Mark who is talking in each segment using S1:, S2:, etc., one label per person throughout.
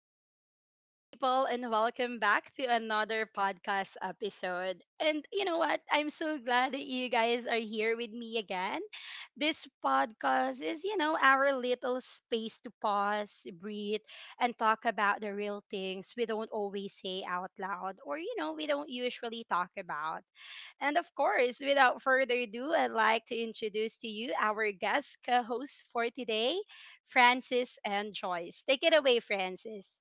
S1: hello, beautiful people, and welcome back to another podcast episode. And you know what? I'm so glad that you guys are here with me again. This podcast is, our little space to pause, breathe, and talk about the real things we don't always say out loud or, we don't usually talk about. And of course, without further ado, I'd like to introduce to you our guest co hosts for today, Francis and Joyce. Take it away, Francis.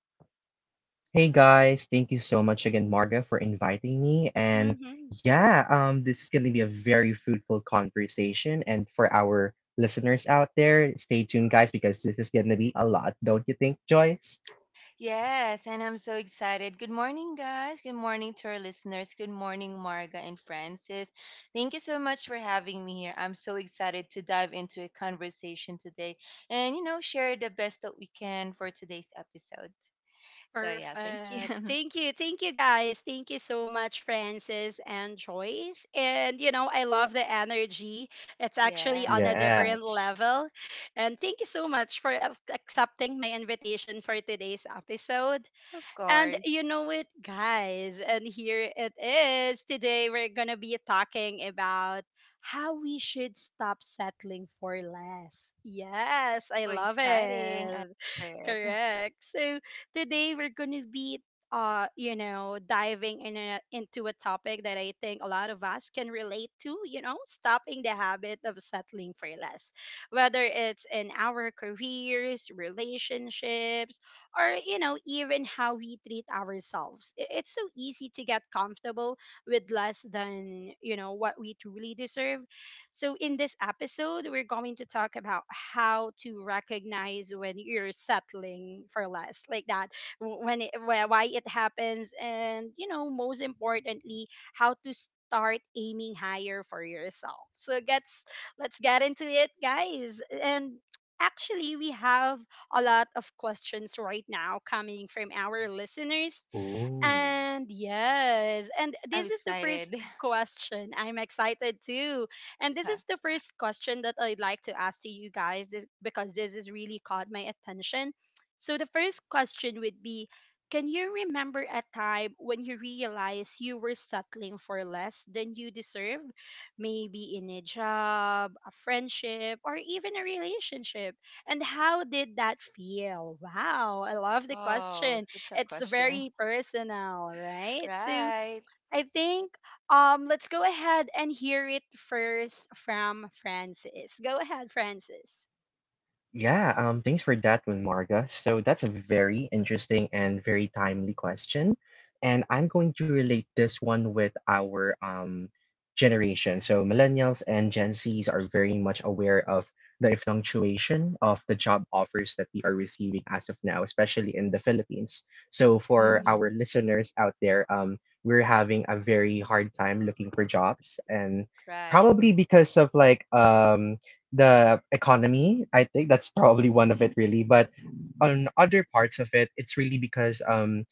S2: Hey guys, thank you so much again, Marga, for inviting me. And
S1: Hmm.
S2: yeah, this is going to be a very fruitful conversation. And for our listeners out there, stay tuned, guys, because this is going to be a lot, don't you think, Joyce?
S3: Yes, and I'm so excited. Good morning, guys. Good morning to our listeners. Good morning, Marga and Francis. Thank you so much for having me here. I'm so excited to dive into a conversation today and, share the best that we can for today's episode. So, yeah, thank
S1: Perfect.
S3: you.
S1: Thank you. Thank you, guys. Thank you so much, Francis and Joyce. And, you know, I love the energy. It's actually on a
S3: Yes,
S1: different
S2: Yes.
S1: level. And thank you so much for accepting my invitation for today's episode.
S3: of
S1: And you
S3: course.
S1: know it, guys. And here it is. Today we're going to be talking about how we should stop settling for less. Yes, I
S3: Oh,
S1: love
S3: exciting. I
S1: it.
S3: love it.
S1: Correct. So today we're going to be you know, diving into a topic that I think a lot of us can relate to, you know, stopping the habit of settling for less. Whether it's in our careers, relationships, or you know even how we treat ourselves. It's so easy to get comfortable with less than you know what we truly deserve. So in this episode we're going to talk about how to recognize when you're settling for less like that, why it happens, and you know most importantly how to start aiming higher for yourself. So gets let's get into it, guys, and actually we have a lot of questions right now coming from our listeners.
S2: Ooh.
S1: And yes, and
S3: I'm
S1: this is the first
S3: excited.
S1: question. I'm excited too. And this is the first question that I'd like to ask to you guys this, because this has really caught my attention. So the first question would be, can you remember a time when you realized you were settling for less than you deserved? Maybe in a job, a friendship, or even a relationship. And how did that feel? Wow, I love the
S3: Oh,
S1: question.
S3: such a
S1: It's
S3: question.
S1: very personal, right? So
S3: Right.
S1: I think let's go ahead and hear it first from Francis. Go ahead, Francis.
S2: Yeah, thanks for that one, Marga. So that's a very interesting and very timely question. And I'm going to relate this one with our generation. So millennials and Gen Zs are very much aware of the fluctuation of the job offers that we are receiving as of now, especially in the Philippines. So for
S1: Mm-hmm.
S2: our
S3: Hmm.
S2: listeners out there, we're having a very hard time looking for jobs and
S3: Right.
S2: probably because of like the economy. I think that's probably one of it, really. But on other parts of it, it's really because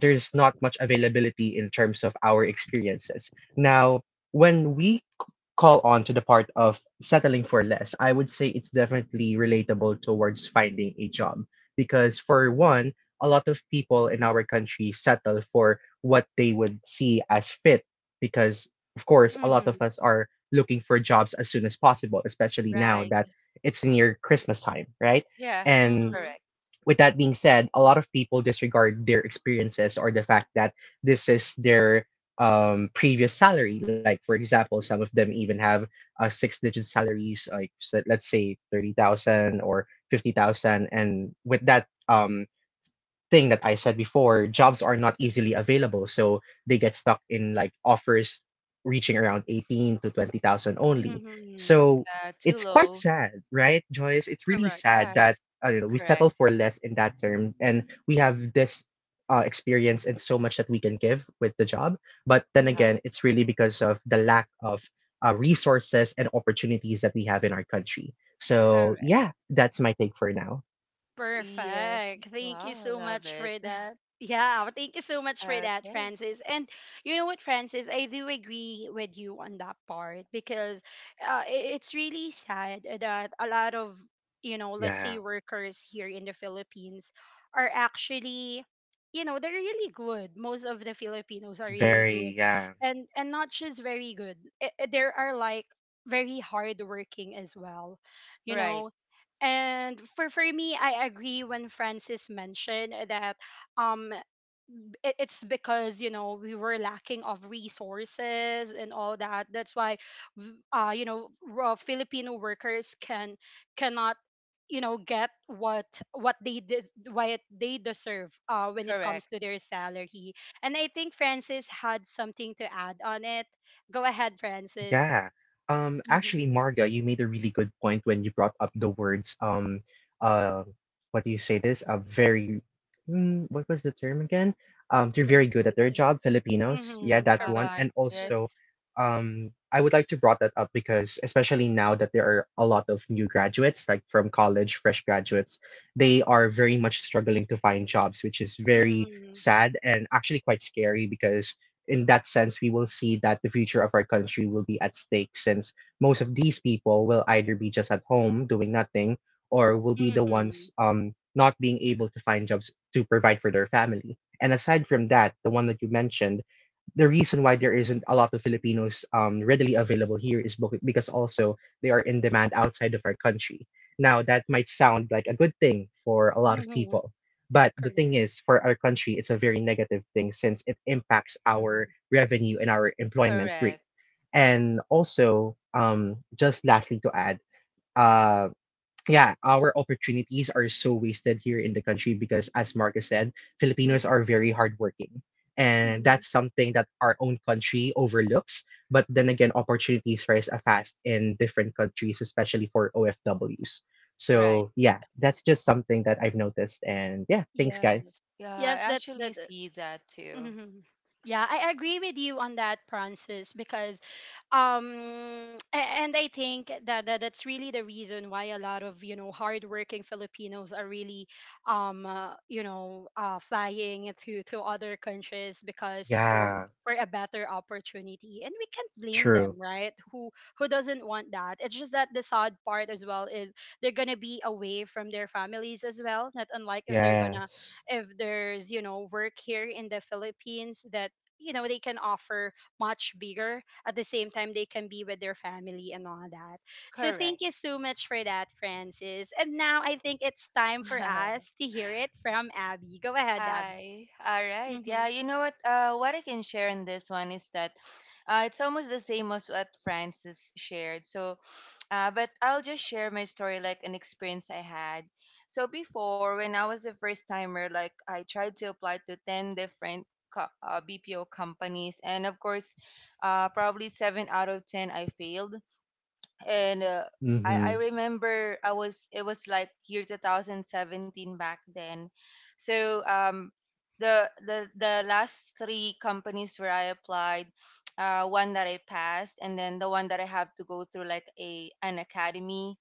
S2: there's not much availability in terms of our experiences. Now, when call on to the part of settling for less, I would say it's definitely relatable towards finding a job because, for one, a lot of people in our country settle for what they would see as fit because, of course, a
S1: Mm-hmm.
S2: lot of us are looking for jobs as soon as possible, especially now
S3: Right.
S2: that it's near Christmas time, right?
S3: Yeah,
S2: And
S1: Mm-hmm.
S3: correct.
S2: with that being said, a lot of people disregard their experiences or the fact that this is their previous salary. Like, for example, some of them even have six digit salaries, like so let's say 30,000 or 50,000. And with that thing that I said before, jobs are not easily available, so they get stuck in like offers reaching around 18 to 20,000 only.
S1: Mm-hmm.
S2: So
S3: Yeah, too
S2: it's quite
S3: low.
S2: sad, right, Joyce? It's really
S1: Correct.
S2: sad that
S3: Yes,
S2: I don't know, we
S3: correct.
S2: settle for less in that term, and we have this experience and so much that we can give with the job. But then
S3: Uh-huh,
S2: again, it's really because of the lack of resources and opportunities that we have in our country. So,
S3: correct.
S2: yeah, that's my take for now.
S3: Yes.
S1: Perfect. Thank you
S3: Wow, I
S1: so
S3: love
S1: much
S3: it.
S1: for that. Yeah, thank you so much for that,
S3: Okay.
S1: Francis. And you know what, Francis, I do agree with you on that part because it's really sad that a lot of, you know, let's say
S2: Yeah,
S1: workers here in the Philippines are actually, you know, they're really good. Most of the Filipinos are really good.
S2: very, yeah.
S1: And not just very good. There are like very hardworking as well, you know.
S3: Right.
S1: And for me, I agree when Francis mentioned that um it's because you know we were lacking of resources and all that, that's why you know raw filipino workers cannot you know get what they did, what they deserve when it comes
S3: Correct.
S1: to their salary. And I think francis had something to add on it, go ahead francis.
S2: Yeah. Actually,
S1: hmm
S2: Marga, you made a really good point when you brought up the words, uh, what do you say this? A very, what was the term again? They're very
S1: like
S2: good at
S1: that's
S2: their job, Filipinos. Yeah,
S1: mm-hmm,
S2: that one.
S3: Uh-huh.
S1: correct.
S2: And also,
S3: Yes,
S2: I would like to brought that up because especially now that there are a lot of new graduates, like from college, fresh graduates, they are very much struggling to find jobs, which is very
S1: Mhm.
S2: sad and actually quite scary because in that sense, we will see that the future of our country will be at stake since most of these people will either be just at home doing nothing or will be the
S1: Mhm.
S2: ones not being able to find jobs to provide for their family. And aside from that, the one that you mentioned, the reason why there isn't a lot of Filipinos readily available here is because also they are in demand outside of our country. Now, that might sound like a good thing for a lot of
S1: Mhm.
S2: people, but the thing
S1: Correct.
S2: is, for our country, it's a very negative thing since it impacts our
S1: Mhm.
S2: revenue and our employment rate.
S3: correct.
S2: And also, just lastly to add, uh, yeah, our opportunities are so wasted here in the country because, as Marcus said,
S1: Mm.
S2: Filipinos are very hardworking. And
S1: Mhm.
S2: that's something that our own country overlooks. But then again, opportunities rise fast in different countries, especially for OFWs.
S3: Right.
S2: So, yeah, that's just something that I've noticed. And yeah, thanks, guys.
S1: Yes.
S3: Yeah, I
S1: Yes, that's
S3: actually
S1: that.
S3: see that too.
S1: Mhm. Yeah, I agree with you on that, Francis, because and I think that, that's really the reason why a lot of, you know, hardworking Filipinos are really flying to other countries because
S2: Yeah,
S1: for a better opportunity, and we can't blame
S2: true.
S1: them, right? Who doesn't want that? It's just that the sad part as well is they're gonna be away from their families as well, not unlike if they're gonna,
S2: Yes.
S1: if there's you know work here in the philippines that you know they can offer much bigger, at the same time they can be with their family and all that. So
S3: Correct.
S1: thank you so much for that, francis, and now I think it's time for us to hear it from abby. Go ahead, abby.
S3: Hi. All right.
S1: Mm-hmm.
S3: Yeah, you know what? What I can share in this one is that it's almost the same as what Francis shared. So, but I'll just share my story, like an experience I had. So before, when I was a first timer, like I tried to apply to ten different BPO companies, and of course, probably seven out of ten I failed and I
S2: Mm-hmm.
S3: remember I was it was like year 2017 back then. So the last three companies where I applied, one that I passed and then the one that I have to go through like a an academy.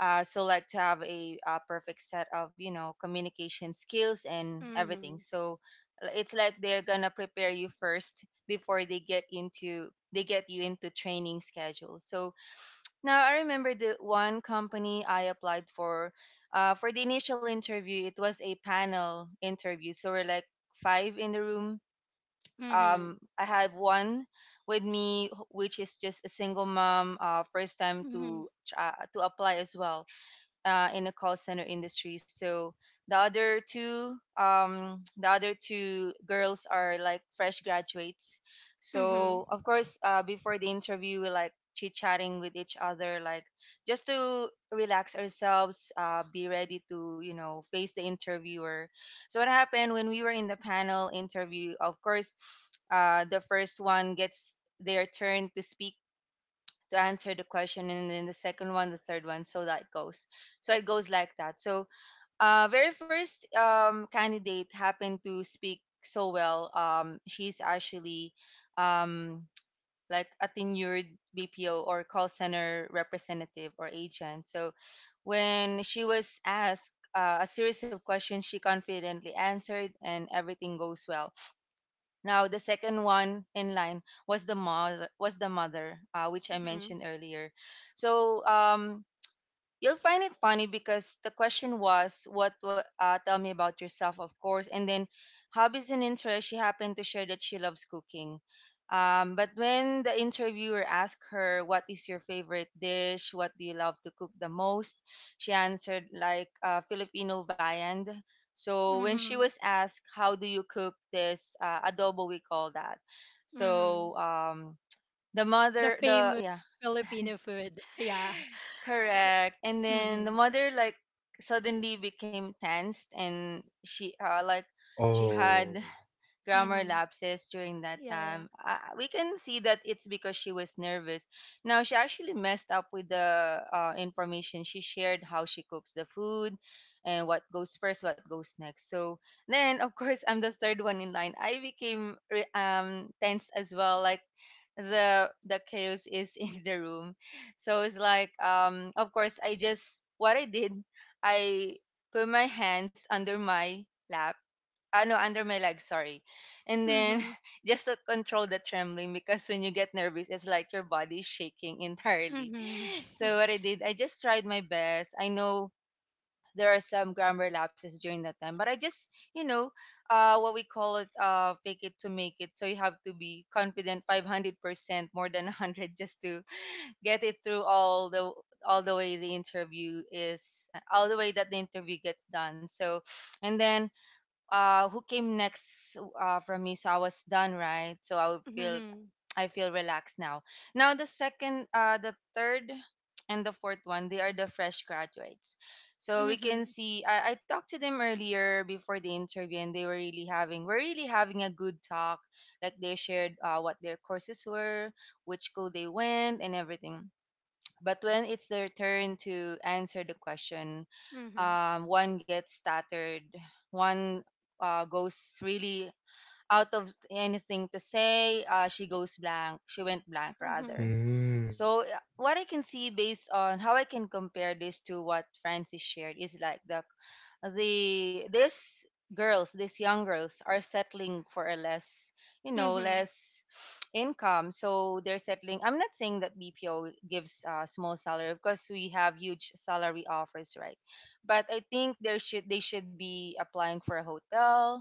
S3: So like to have a perfect set of communication skills and everything.
S1: Mm-hmm.
S3: So it's like they're gonna prepare you first before they get you into training schedule. So now I remember the one company I applied for. For the initial interview, it was a panel interview, so we're like five in the room.
S1: Mm-hmm.
S3: I have one with me, which is just a single mom, first time
S1: Mm-hmm.
S3: to to apply as well in a call center industry. So the other two, the other two girls are like fresh graduates.
S1: Mm-hmm.
S3: So of course, before the interview, we like chit chatting with each other, like just to relax ourselves, be ready to face the interviewer. So what happened when we were in the panel interview? Of course, the first one gets their turn to speak to answer the question, and then the second one, the third one, so that goes, so it goes like that. So very first candidate happened to speak so well. She's actually um like a tenured BPO or call center representative or agent. So when she was asked a series of questions, she confidently answered and everything goes well. Now the second one in line was the mother, which I
S1: Mm-hmm.
S3: mentioned earlier. So you'll find it funny because the question was, "What? Tell me about yourself," of course, and then hobbies and interests. She happened to share that she loves cooking. But when the interviewer asked her, "What is your favorite dish? What do you love to cook the most?" She answered like Filipino viand. So when she
S1: Mm-hmm.
S3: was asked, "How do you cook this adobo?" We call that.
S1: Mm-hmm.
S3: So the
S1: The
S3: mother, the
S1: famous
S3: yeah.
S1: Filipino food. Yeah.
S3: Correct. And then
S1: Mm-hmm.
S3: the mother like suddenly became tensed and she
S2: Oh.
S3: had grammar
S1: Mm-hmm.
S3: lapses during that
S1: Yeah, yeah.
S3: time. We can see that it's because she was nervous. Now, she actually messed up with the information. She shared how she cooks the food and what goes first, what goes next. So then, of course, I'm the third one in line. I became tense as well. Like, the chaos is in the room. So it's like, of course, I just what I did, I put my hands under my lap, no, under my leg, sorry. And then
S1: Mm-hmm.
S3: just to control the trembling, because when you get nervous, it's like your body is shaking entirely.
S1: Mm-hmm.
S3: So what I did, I just tried my best. I know there are some grammar lapses during that time, but I just, you know, what we call it, fake it to make it. So you have to be confident 500% more than 100 just to get it through all the way the interview is all the way that the interview gets done. So and then who came next, from me. So I was done, right? So I would feel,
S1: Mhm.
S3: I feel relaxed now. Now the second, the third and the fourth one, they are the fresh graduates. So we can
S1: Mhm.
S3: see, I talked to them earlier before the interview and they were really having we're really having a good talk, like they shared what their courses were, which school they went, and everything. But when it's their turn to answer the question,
S1: Mhm.
S3: one gets stuttered, one goes really out of anything to say. She goes blank. She went blank, rather.
S1: Mhm.
S2: Mm.
S3: So what I can see, based on how I can compare this to what Francis shared, is like these girls, these young girls, are settling for a less, you know,
S1: Mhm.
S3: less income. So they're settling. I'm not saying that BPO gives a small salary, because we have huge salary offers, right? But I think there should they should be applying for a hotel,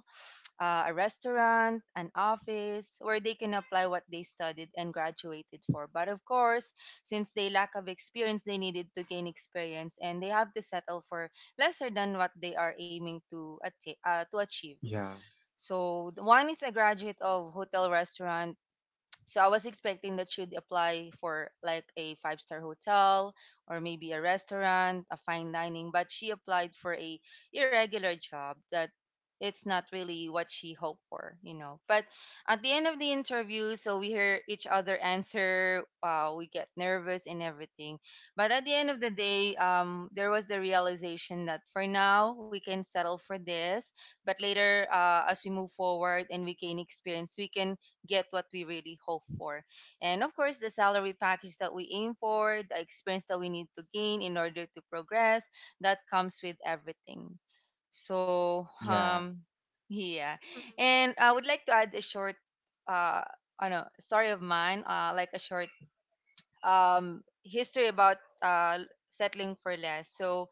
S3: a restaurant, an office, where they can apply what they studied and graduated for. But of course, since they lack of experience, they needed to gain experience and they have to settle for lesser than what they are aiming to, to achieve.
S2: Yeah.
S3: So the one is a graduate of hotel restaurant, so I was expecting that she'd apply for like a five-star hotel or maybe a restaurant, a fine dining, but she applied for a irregular job that it's not really what she hoped for, you know. But at the end of the interview, so we hear each other answer, we get nervous and everything. But at the end of the day, there was the realization that for now we can settle for this, but later, as we move forward and we gain experience, we can get what we really hope for. And of course, the salary package that we aim for, the experience that we need to gain in order to progress, that comes with everything. So,
S2: Yeah.
S3: yeah. And I would like to add a short, uh, I know, story of mine, like a short history about settling for less. So,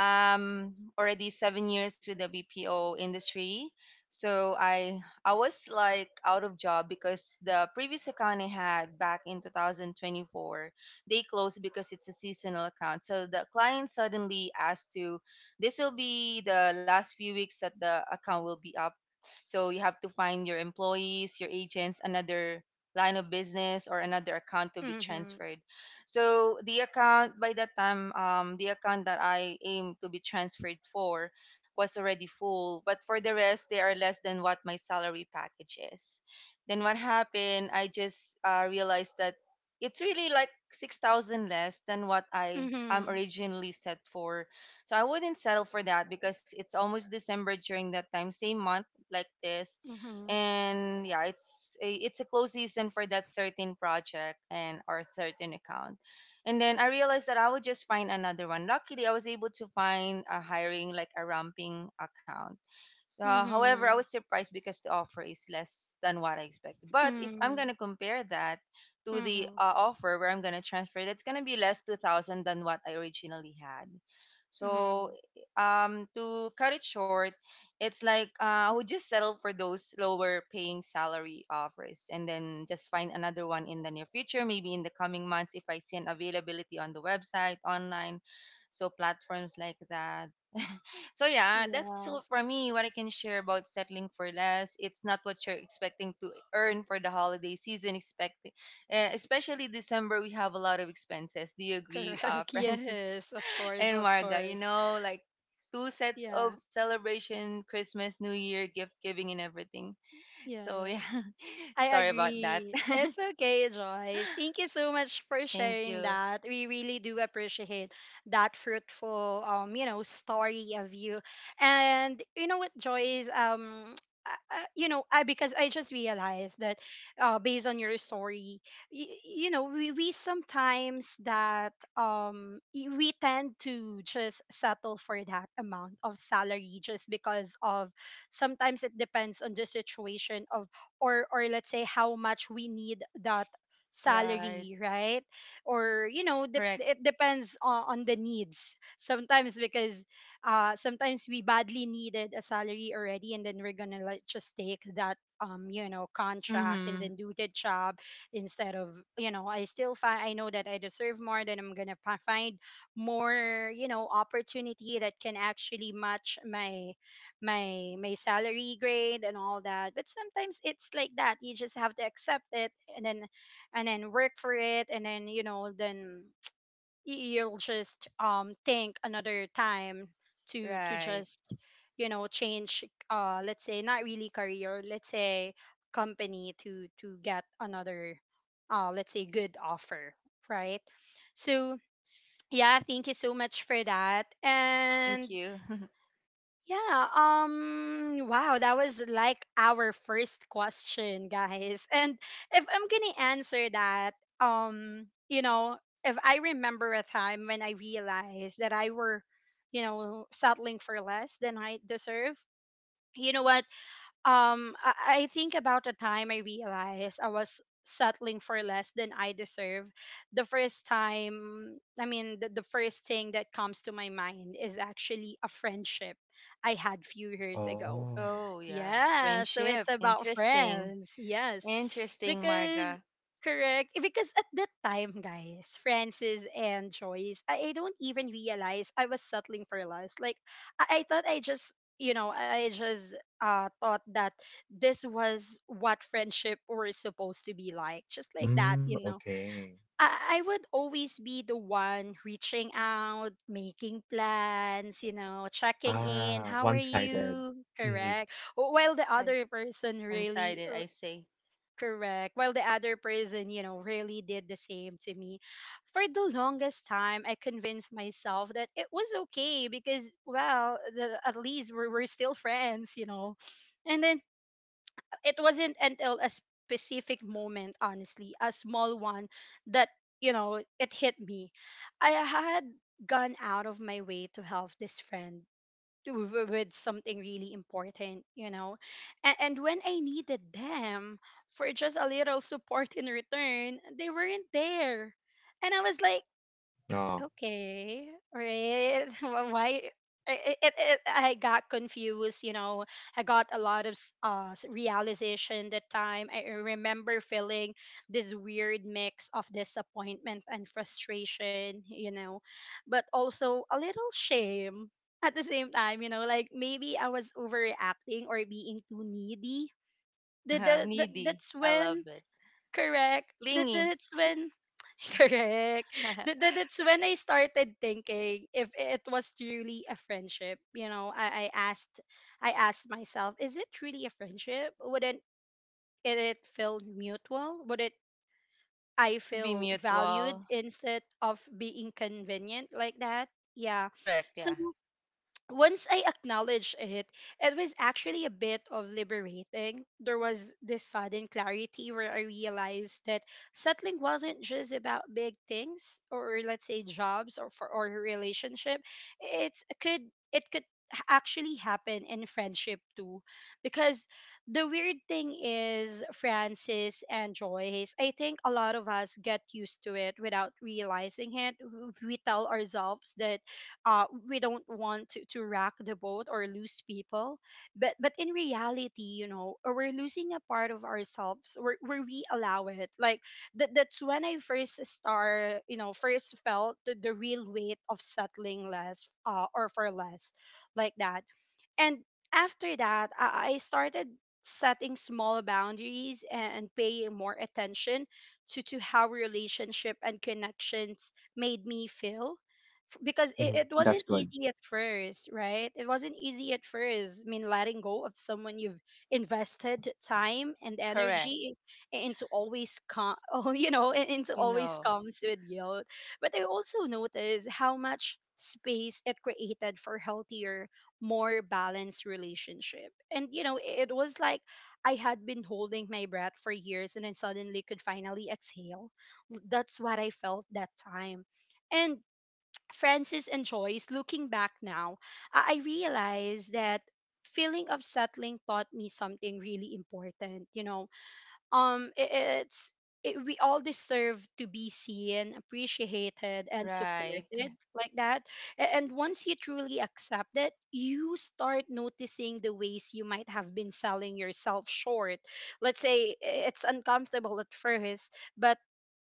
S3: already 7 years with the BPO industry. So I was like out of job because the previous account I had back in 2024, they closed because it's a seasonal account. So the client suddenly asked to, this will be the last few weeks that the account will be up. So you have to find your employees, your agents, another line of business or another account to be
S1: Mhm.
S3: transferred. So the account by that time, the account that I aim to be transferred for was already full. But for the rest, they are less than what my salary package is. Then what happened? I just realized that it's really like 6,000 less than what I am
S1: Mhm.
S3: originally set for. So I wouldn't settle for that because it's almost December during that time, same month like this.
S1: Mhm.
S3: And yeah, it's a close season for that certain project and or certain account. And then I realized that I would just find another one. Luckily, I was able to find a hiring like a ramping account. So, however, I
S1: Mhm.
S3: was surprised because the offer is less than what I expected. But if I'm
S1: Mhm.
S3: gonna compare that to the
S1: Mhm.
S3: offer where I'm gonna transfer, that's gonna be less 2,000 than what I originally had. So,
S1: Mhm.
S3: to cut it short, it's like I would just settle for those lower paying salary offers and then just find another one in the near future, maybe in the coming months if I see an availability on the website, online, so platforms like that. So yeah, that's all
S1: Yes.
S3: for me. What I can share about settling for less. It's not what you're expecting to earn for the holiday season. Expect, especially December, we have a lot of expenses. Do you agree,
S1: Correct.
S3: Francis?
S1: Yes, of course,
S3: And
S1: of
S3: Marga, you
S1: course.
S3: know, like two sets
S1: Yeah.
S3: of celebration, Christmas, New Year, gift giving, and everything. So, yeah,
S1: Yes. I
S3: sorry about that.
S1: agree. It's okay, Joyce. Thank you so much for
S3: Thank
S1: sharing
S3: you.
S1: that. We really do appreciate that fruitful you know, story of you. And you know what, Joyce, you know, I because I just realized that based on your story, you know, we sometimes that we tend to just settle for that amount of salary just because of, sometimes it depends on the situation of, or let's say how much we need that
S3: Right.
S1: salary, right? Or you know dep
S3: Correct.
S1: it depends on the needs sometimes because sometimes we badly needed a salary already and then we're gonna like just take that you know contract and
S3: Mm-hmm.
S1: then do the job instead of you know I still find, I know that I deserve more, then I'm gonna find more you know opportunity that can actually match my my salary grade and all that. But sometimes it's like that, you just have to accept it and then work for it, and then you know then you'll just think another time to
S3: Right.
S1: just you know change, let's say not really career, let's say company, to get another let's say good offer, right? So
S3: Yes.
S1: yeah thank you so much for that. And
S3: Thank you.
S1: yeah, wow, that was like our first question, guys. And if I'm going to answer that, you know, if I remember a time when I realized that I were, you know, settling for less than I deserve, you know what? um I, I think about the time I realized I was settling for less than I deserve. The first time, I mean, the first thing that comes to my mind is actually a friendship I had few years ago.
S2: Oh.
S3: Oh, yeah.
S1: Yeah, so it's
S3: Friendship.
S1: about
S3: Interesting.
S1: friends. Yes.
S3: Interesting,
S1: Because
S3: Marga.
S1: correct, because at that time guys francis and joyce, I don't even realize I was settling for less, like I thought I just you know I just thought that this was what friendship were supposed to be like, just like that
S2: Mm,
S1: you know.
S2: okay.
S1: I would always be the one reaching out, making plans, you know, checking in.
S2: Ah,
S1: How are
S2: one-sided.
S1: you?
S2: Mm,
S1: Correct. While the other
S3: Yes.
S1: person
S3: One
S1: really,
S3: sided, I say.
S1: correct. While the other person, you know, really did the same to me. For the longest time, I convinced myself that it was okay because, well, at least we're still friends, you know. And then it wasn't until a specific moment, honestly, a small one, that, you know, it hit me. I had gone out of my way to help this friend with something really important, you know. And when I needed them for just a little support in return, they weren't there. And I was like,
S2: no,
S1: okay, right. Why? I got confused, you know. I got a lot of realization that time. I remember feeling this weird mix of disappointment and frustration, you know, but also a little shame at the same time, you know, like maybe I was overreacting or being too needy.
S3: Needy.
S1: That's
S3: I
S1: when
S3: love it.
S1: correct. That,
S3: Clingy.
S1: that's when correct. That's when I started thinking if it was truly a friendship. You know, I asked, I asked myself, is it truly a friendship? Wouldn't it feel mutual? Would it, I
S3: Should be
S1: feel valued
S3: mutual.
S1: instead of being convenient like that? Yeah.
S3: Correct.
S1: So
S3: Yeah.
S1: once I acknowledged it, it was actually a bit of liberating. There was this sudden clarity where I realized that settling wasn't just about big things, or let's say jobs or for or a relationship. It's could it could h- actually happen in friendship too, because the weird thing is francis and joyce, I think a lot of us get used to it without realizing it. We tell ourselves that we don't want to rock the boat or lose people, but in reality you know we're losing a part of ourselves where we allow it like that. That's when I first start, you know first felt the real weight of settling less, or for less like that. And after that, I started setting small boundaries and paying more attention to how relationship and connections made me feel. Because it,
S2: mm,
S1: it wasn't
S2: that's good.
S1: easy at first, right? It wasn't easy at first. I mean, letting go of someone you've invested time and
S3: Correct.
S1: energy into always oh, you know, into
S3: You
S1: always
S3: know,
S1: comes with guilt. But I also noticed how much space it created for healthier, more balanced relationship. And you know, it was like I had been holding my breath for years and then suddenly could finally exhale. That's what I felt that time. And Francis and Joyce, looking back now, I realized that feeling of settling taught me something really important. You know, um i- it's we all deserve to be seen, appreciated and
S3: right.
S1: supported, like that. And once you truly accept it, you start noticing the ways you might have been selling yourself short. let's say i- it's uncomfortable at first, but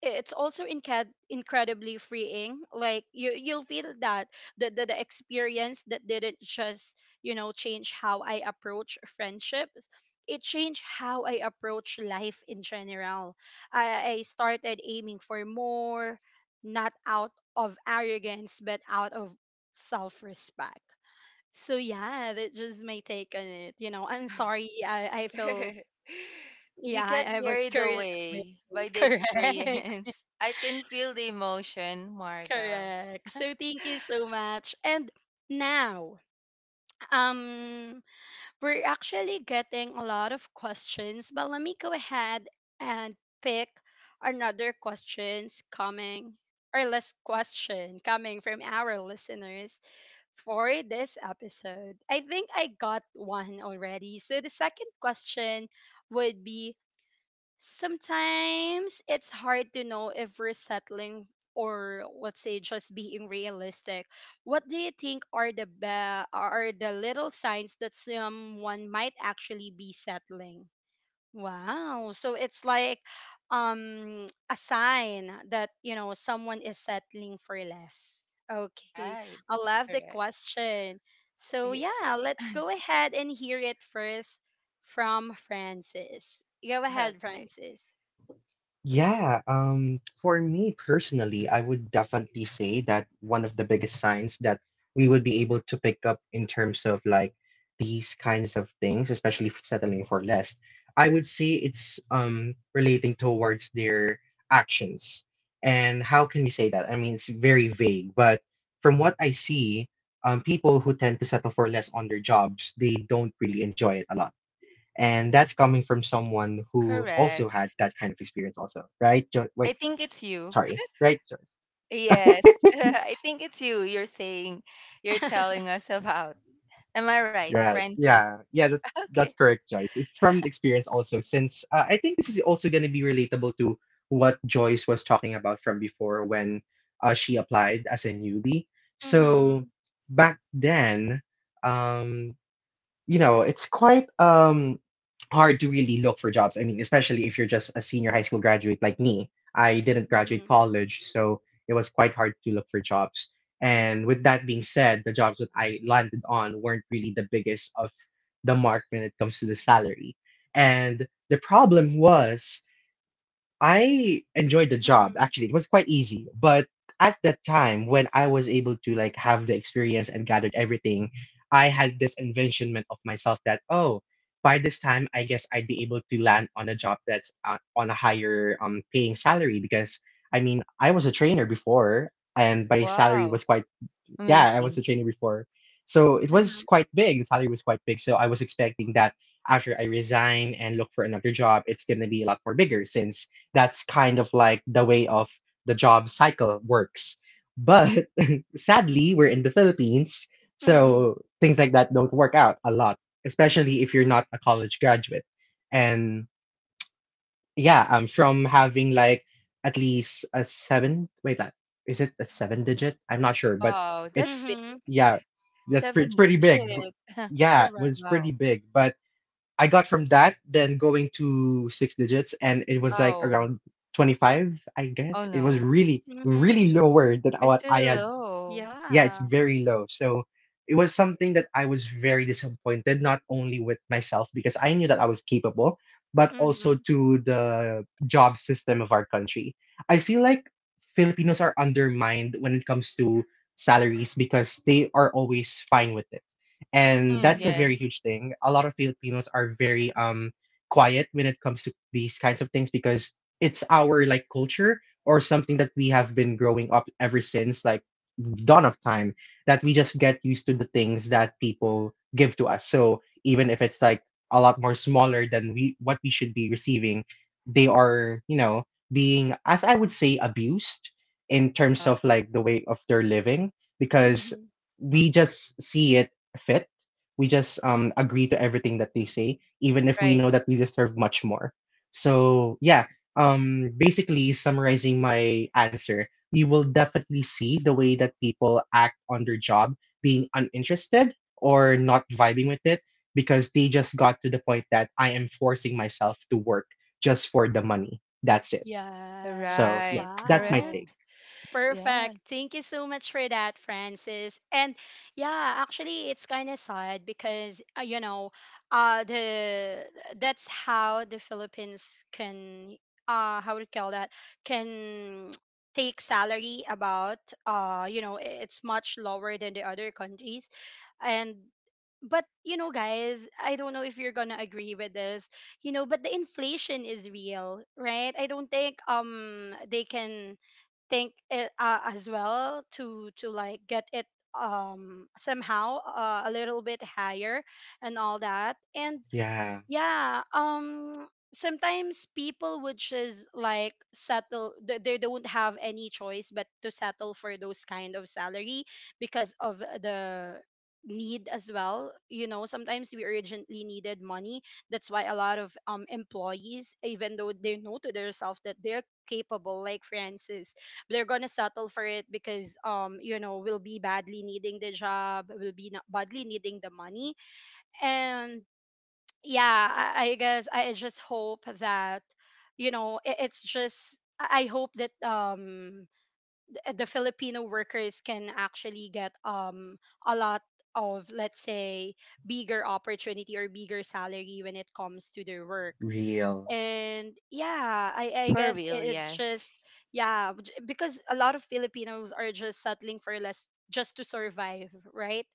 S1: it's also incredibly freeing. Like, you'll feel that the experience that didn't just, you know, change how I approach friendships, it changed how I approach life in general. I started aiming for more, not out of arrogance but out of self-respect. So yeah, that's just my take on it. You know, I'm sorry, I feel,
S3: You
S1: yeah,
S3: get
S1: I was
S3: carried
S1: curious.
S3: away by the
S1: Correct.
S3: experience. I can feel the emotion, Marga.
S1: Correct. So thank you so much. And now, um, we're actually getting a lot of questions, but let me go ahead and pick another questions coming, or less, question coming from our listeners for this episode. I think I got one already. So the second question would be: sometimes it's hard to know if we're settling or, let's say, just being realistic. What do you think are are the little signs that someone might actually be settling? Wow. So it's like, a sign that, you know, someone is settling for less. Okay.
S3: Right.
S1: I love the
S3: Correct.
S1: question. So
S3: Yeah.
S1: yeah, let's go ahead and hear it first from Francis. Go ahead,
S3: Okay.
S1: Francis.
S2: Yeah, for me personally, I would definitely say that one of the biggest signs that we would be able to pick up in terms of like these kinds of things, especially settling for less, I would say it's relating towards their actions. And how can we say that? I mean, it's very vague, but from what I see, people who tend to settle for less on their jobs, they don't really enjoy it a lot, and that's coming from someone who also had
S3: Correct.
S2: that kind of experience also, right,
S3: I
S2: wait,
S3: think it's you.
S2: sorry, right, Joyce?
S3: Yes. I think it's you're saying, you're telling us about. Am I right,
S2: yeah
S3: Francis?
S2: yeah yeah
S3: Okay.
S2: that's correct, Joyce. It's from the experience also, since I think this is also going to be relatable to what Joyce was talking about from before when she applied as a newbie. So
S1: Mm-hmm.
S2: back then, um you know, it's quite hard to really look for jobs. I mean, especially if you're just a senior high school graduate like me. I didn't graduate
S1: Mm-hmm.
S2: college, so it was quite hard to look for jobs. And with that being said, the jobs that I landed on weren't really the biggest of the mark when it comes to the salary. And the problem was, I enjoyed the job.
S1: Mm-hmm.
S2: Actually, it was quite easy. But at that time, when I was able to like have the experience and gathered everything, I had this envisionment of myself that oh, by this time, I guess I'd be able to land on a job that's on a higher paying salary, because I mean I was a trainer before and my salary
S3: Wow.
S2: was quite, yeah, I was a
S3: Amazing.
S2: trainee before. So it was
S1: Uh-huh.
S2: quite big. The salary was quite big. So I was expecting that after I resign and look for another job, it's going to be a lot more bigger, since that's kind of like the way of the job cycle works. But sadly, we're in the Philippines.
S1: Mm-hmm.
S2: So things like that don't work out a lot, especially if you're not a college graduate. And yeah, from having like at least a seven. Wait, that, is it a seven digit? I'm not sure, but
S3: Wow. That's big.
S2: it's,
S1: Hmm.
S2: yeah, that's pretty. It's
S3: Seven
S2: pretty big.
S3: digits.
S2: Yeah, it
S1: Correct.
S2: was
S3: Wow.
S2: pretty big. But I got from that, then going to six digits, and it was like
S3: Oh.
S2: around 25, I
S3: Oh
S2: guess. It was
S3: no.
S2: really,
S1: Mm-hmm.
S2: really lower than
S3: It's
S2: what
S3: really
S2: I had,
S3: low.
S2: yeah, it's
S1: Yeah.
S2: very low. So it was something that I was very disappointed, not only with myself because I knew that I was capable, but also
S1: Mm-hmm.
S2: to the job system of our country. I feel like Filipinos are undermined when it comes to salaries because they are always fine with it. And
S3: Mm,
S2: that's a very
S1: Mm-hmm.
S3: yes.
S2: huge thing. A lot of Filipinos are very quiet when it comes to these kinds of things because it's our like culture or something that we have been growing up ever since like dawn of time, that we just get used to the things that people give to us. So even if it's like a lot more smaller than we what we should be receiving, they are, you know, being, as I would say, abused in terms
S3: Uh,
S2: of like the way of their living, because
S1: Mm-hmm.
S2: we just see it fit. We just agree to everything that they say, even if we
S3: right.
S2: know that we deserve much more. So yeah, basically summarizing my answer, you will definitely see the way that people act on their job, being uninterested or not vibing with it, because they just got to the point that I am forcing myself to work just for the money. That's it.
S1: Yes.
S2: So yeah,
S3: Right.
S2: that's my
S3: Correct?
S1: Wow.
S2: take.
S1: Perfect.
S3: Yes.
S1: Thank you so much for that, Francis. And yeah, actually, it's kind of sad because, you know, the that's how the Philippines can, how to call that, can take salary about, you know, it's much lower than the other countries, and but you know, guys, I don't know if you're gonna agree with this, you know, but the inflation is real, right? I don't think they can think it, as well, to like get it, somehow, a little bit higher and all that. And
S2: Yeah,
S1: yeah, sometimes people would just like settle. They don't have any choice but to settle for those kind of salary because of the need as well. You know, sometimes we urgently needed money. That's why a lot of employees, even though they know to themselves that they're capable, like Francis, they're gonna settle for it because, you know, we'll be badly needing the job, we'll be not badly needing the money. And yeah, I guess I just hope that, you know, it's just, I hope that the Filipino workers can actually get, a lot of, let's say, bigger opportunity or bigger salary when it comes to their work.
S2: real,
S1: And yeah, i
S3: That's
S1: i
S3: for
S1: guess,
S3: real,
S1: it's just,
S3: yes.
S1: yeah, because a lot of Filipinos are just settling for less just to survive, right?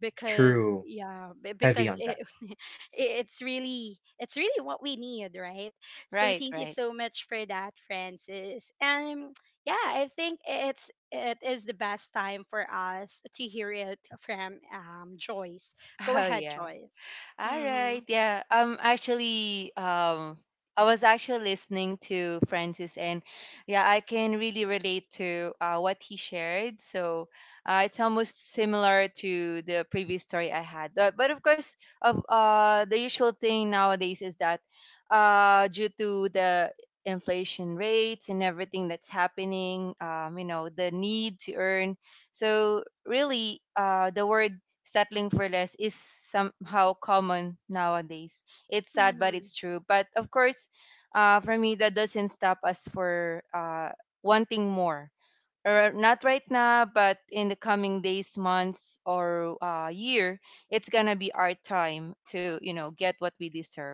S1: Because
S2: true,
S1: yeah,
S2: heavy on that.
S1: it's really, it's really what we need, right? So
S3: Right,
S1: thank you
S3: right.
S1: so much for that, Francis. And yeah, I think it's, it is the best time for us to hear it from, Joyce. Go
S3: Oh
S1: ahead,
S3: yeah.
S1: Joyce.
S3: All
S1: Mm-hmm.
S3: right. Yeah. Actually, I was actually listening to Francis, and yeah, I can really relate to what he shared. So it's almost similar to the previous story I had. But of course, of the usual thing nowadays is that due to the inflation rates and everything that's happening, you know, the need to earn. So really, the word settling for less is somehow common nowadays. It's sad, but
S1: Mm-hmm.
S3: it's true. But of course, for me, that doesn't stop us for wanting more or not right now, but in the coming days, months, or year, it's gonna be our time to you know get what we deserve.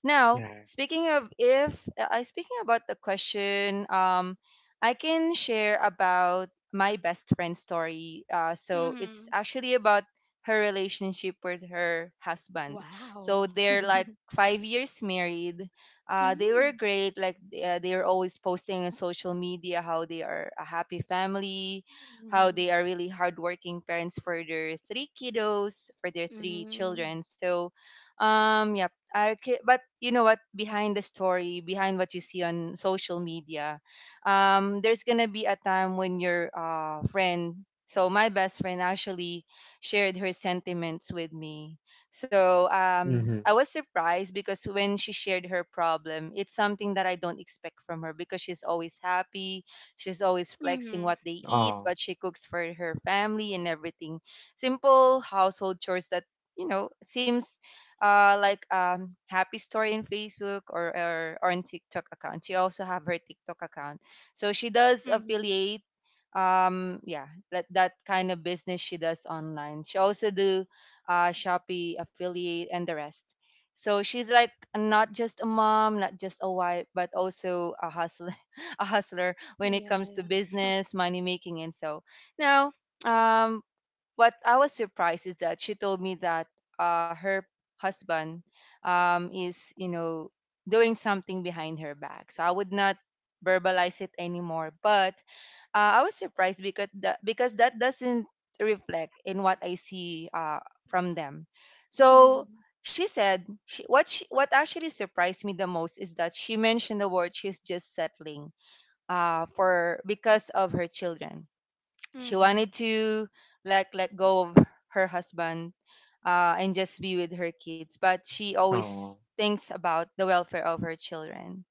S3: Now,
S2: Yeah.
S3: speaking of if I speaking about the question, I can share about my best friend story. So it's
S1: Mm-hmm.
S3: actually about her relationship with her husband. So
S1: Wow.
S3: they're like 5 years married, they
S1: Mm-hmm.
S3: were great. Like they are always posting on social media how they are a happy family, how they are
S1: Mm-hmm.
S3: really hardworking parents for their three kiddos, for their three children. So, yeah, I, but you know what? Behind the story, behind what you see on social media, there's gonna be a time when your friend. So my best friend actually shared her sentiments with me, so
S2: Mm-hmm.
S3: I was surprised because when she shared her problem, it's something that I don't expect from her because she's always happy. She's always flexing
S1: Mm-hmm.
S3: what they eat,
S2: Oh,
S3: what she cooks for her family, and everything. Simple household chores that you know seems like happy story in Facebook, or on TikTok account. She also have her TikTok account, so she does
S1: Mm-hmm.
S3: affiliate yeah that kind of business she does online. She also do Shopee affiliate, and the rest. So she's like not just a mom, not just a wife, but also a hustler, a hustler when it
S1: Yeah,
S3: comes to
S1: yeah.
S3: business, money making, and so. Now, um, what I was surprised is that she told me that her husband is, you know, doing something behind her back. So I would not verbalize it anymore, but I was surprised because that doesn't reflect in what I see from them. So
S1: Mm-hmm.
S3: she said what what actually surprised me the most is that she mentioned the word she's just settling for because of her children. She
S1: Mm-hmm.
S3: wanted to like let go of her husband and just be with her kids, but she always
S2: oh,
S3: thinks about the welfare of her children.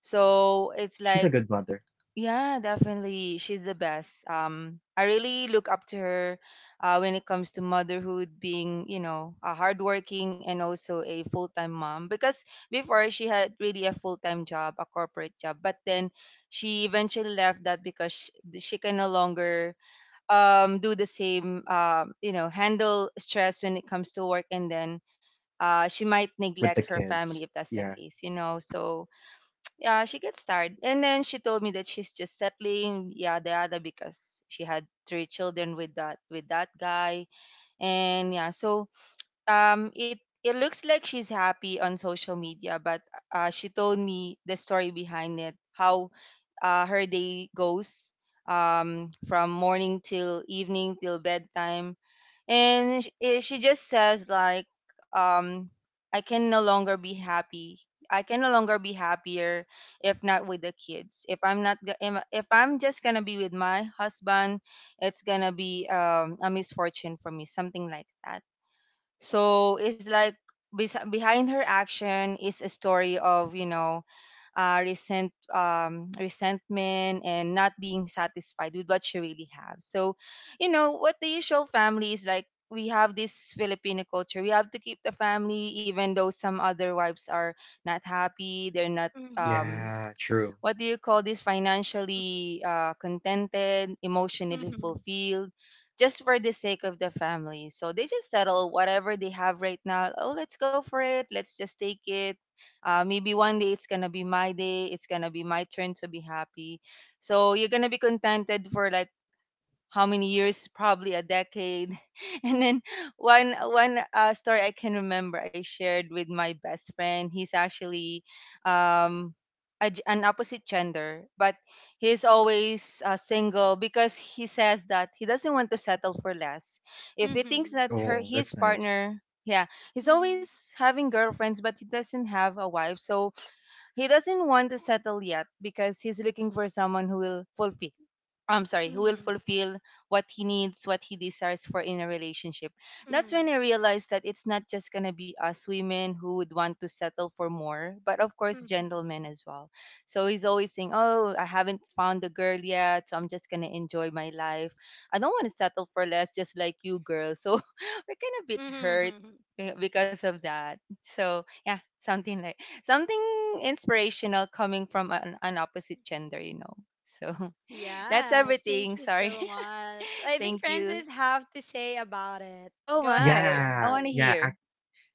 S3: So it's
S2: she's a
S3: like
S2: good mother
S3: yeah, definitely. She's the best. I really look up to her when it comes to motherhood, being, you know, a hardworking and also a full time mom. Because before she had really a full time job, a corporate job, but then she eventually left that because she can no longer do the same, you know, handle stress when it comes to work. And then she might neglect
S2: with the
S3: her family if
S2: kids.
S3: that's the
S2: Yeah,
S3: case, you know. So, yeah, she gets tired. And then she told me that she's just settling. Yeah, the other because she had three children with that guy. And yeah, so it it looks like she's happy on social media, but she told me the story behind it, how her day goes from morning till evening till bedtime, and she just says like um I can no longer be happy. I can no longer be happier if not with the kids. If I'm not if I'm just gonna be with my husband, it's gonna be a misfortune for me, something like that. So it's like behind her action is a story of you know resentment and not being satisfied with what she really has. So you know what the usual family is like. We have this Filipino culture. We have to keep the family, even though some other wives are not happy. They're not
S2: yeah, true.
S3: what do you call this, financially contented, emotionally
S1: Mm-hmm.
S3: fulfilled, just for the sake of the family. So they just settle whatever they have right now. Oh, let's go for it. Let's just take it. Maybe one day it's gonna be my day. It's gonna be my turn to be happy. So you're gonna be contented for like how many years, probably a decade. And then one story I can remember I shared with my best friend. He's actually um a g an opposite gender, but he's always single because he says that he doesn't want to settle for less if he thinks
S1: Mhm.
S3: that her
S2: Oh,
S3: his
S2: that's nice.
S3: partner yeah he's
S1: Mhm.
S3: always having girlfriends but he doesn't have a wife. So he doesn't want to settle yet because he's looking for someone who will fulfill, I'm sorry, who will
S1: Mhm.
S3: fulfill what he needs, what he desires for in a relationship. That's when I
S1: Mm.
S3: realized that it's not just going to be us women who would want to settle for more, but of course,
S1: Mhm.
S3: gentlemen as well. So he's always saying, "Oh, I haven't found a girl yet, so I'm just going to enjoy my life. I don't want to settle for less, just like you, girl." So we're kind of a bit hurt
S1: Mhm.
S3: because of that. So, yeah, something like something inspirational coming from an opposite gender, you know. So. That's
S1: Yes, thank
S3: everything.
S1: you
S3: Sorry.
S1: so much. I think
S3: Thank you.
S1: Francis have to say about it.
S3: Oh
S1: Go ahead,
S3: my. I
S2: Yeah,
S3: want to
S1: Francis.
S2: yeah.
S3: hear.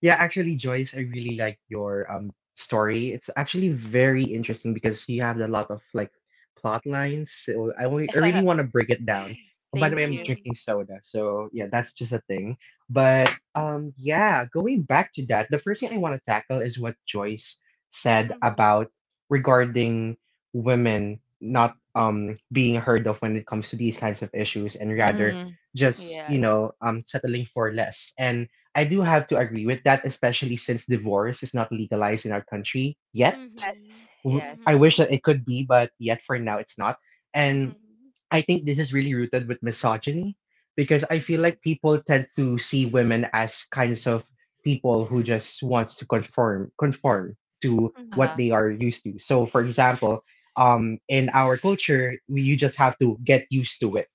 S2: Yeah, actually, Joyce, I really like your story. It's actually very interesting because you have a lot of like plot lines. So I really want to break it down. Oh, by the
S3: Thank
S2: way, I'm
S3: you.
S1: Mhm.
S2: drinking soda, so yeah, that's just a thing. But yeah, going back to that, the first thing I want to tackle is what Joyce said
S1: Mhm.
S2: about regarding women not being heard of when it comes to these kinds of issues, and rather
S3: Hmm.
S2: just
S3: Yes.
S2: settling for less. I do have to agree with that, especially since divorce is not legalized in our country yet.
S1: Mhm.
S3: Yes.
S2: I
S3: Yes.
S2: wish
S1: Mhm.
S2: that it could be, but yet for now it's not. And
S1: Mhm.
S2: I think this is really rooted with misogyny, because I feel
S1: Mhm.
S2: like people tend to see women as kinds of people who just wants to conform to what
S1: Mhm.
S3: Uh-huh.
S2: they are used to. So for example, in our culture, you just have to get used to it.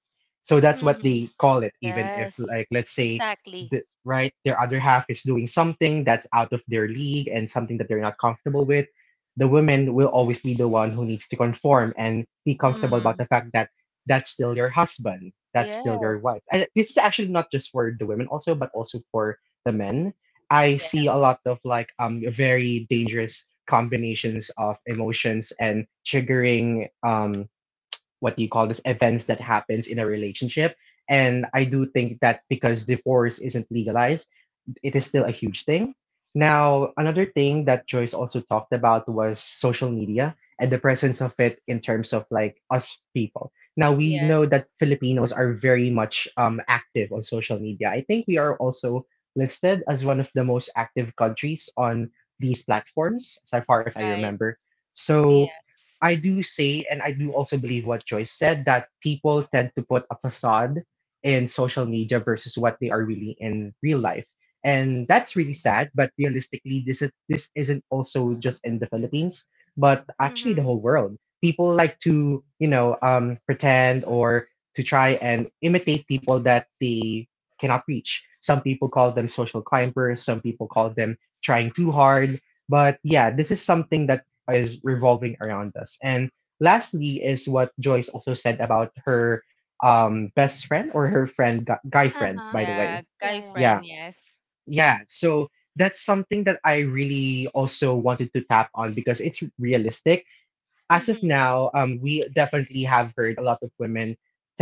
S2: So that's what
S1: Mhm.
S2: they call it, even if
S3: Yes.
S2: like let's say
S3: Exactly.
S2: right, their other half is doing something that's out of their league and something that they're not comfortable with, the woman will always be the one who needs to conform and be comfortable about
S3: Mm.
S2: the fact that that's still your husband, that's still
S3: Yeah.
S2: your wife. And this is actually not just for the women also, but also for the men. I
S3: Yeah.
S2: see a lot of like very dangerous combinations of emotions and triggering what do you call this events that happens in a relationship. And I do think that because divorce isn't legalized, it is still a huge thing. Now, another thing that Joyce also talked about was social media and the presence of it in terms of like us people. Now, we know
S3: Yes.
S2: that Filipinos are very much active on social media. I think we are also listed as one of the most active countries on these platforms, as far as I
S3: Right.
S2: remember. So,
S3: Yes.
S2: I do say, and I do also believe what Joyce said, that people tend to put a facade in social media versus what they are really in real life. And that's really
S3: Exactly.
S2: sad, but realistically, this is, this isn't also just in the Philippines, but actually the
S1: Mhm.
S2: whole world. People like to, pretend or to try and imitate people that they cannot reach. Some people call them social climbers, some people call them trying too hard. But yeah, this is something that is revolving around us. And lastly, is what Joyce also said about her best friend or her friend, guy friend,
S1: Uh-huh.
S2: by the
S3: Yeah.
S2: way.
S1: Yeah,
S3: Guy
S1: yeah.
S2: Yeah.
S3: friend. Yes.
S2: Yeah. So that's something that I really also wanted to tap on because it's realistic as of
S1: Mhm.
S2: now. We definitely have heard a lot of women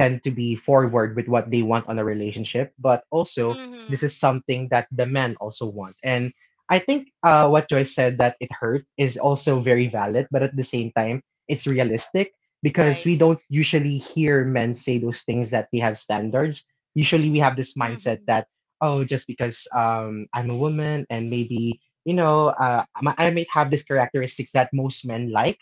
S2: tend to be forward with what they want on a relationship, but also this
S1: Mhm.
S2: is something that the men also want. And I think what Joyce said that it hurt is also very valid, but at the same time, it's realistic because
S3: Right.
S2: we don't usually hear men say those things that they have standards. Usually, we have this mindset
S1: Mhm.
S2: that oh, just because I'm a woman and maybe I might have these characteristics that most men like,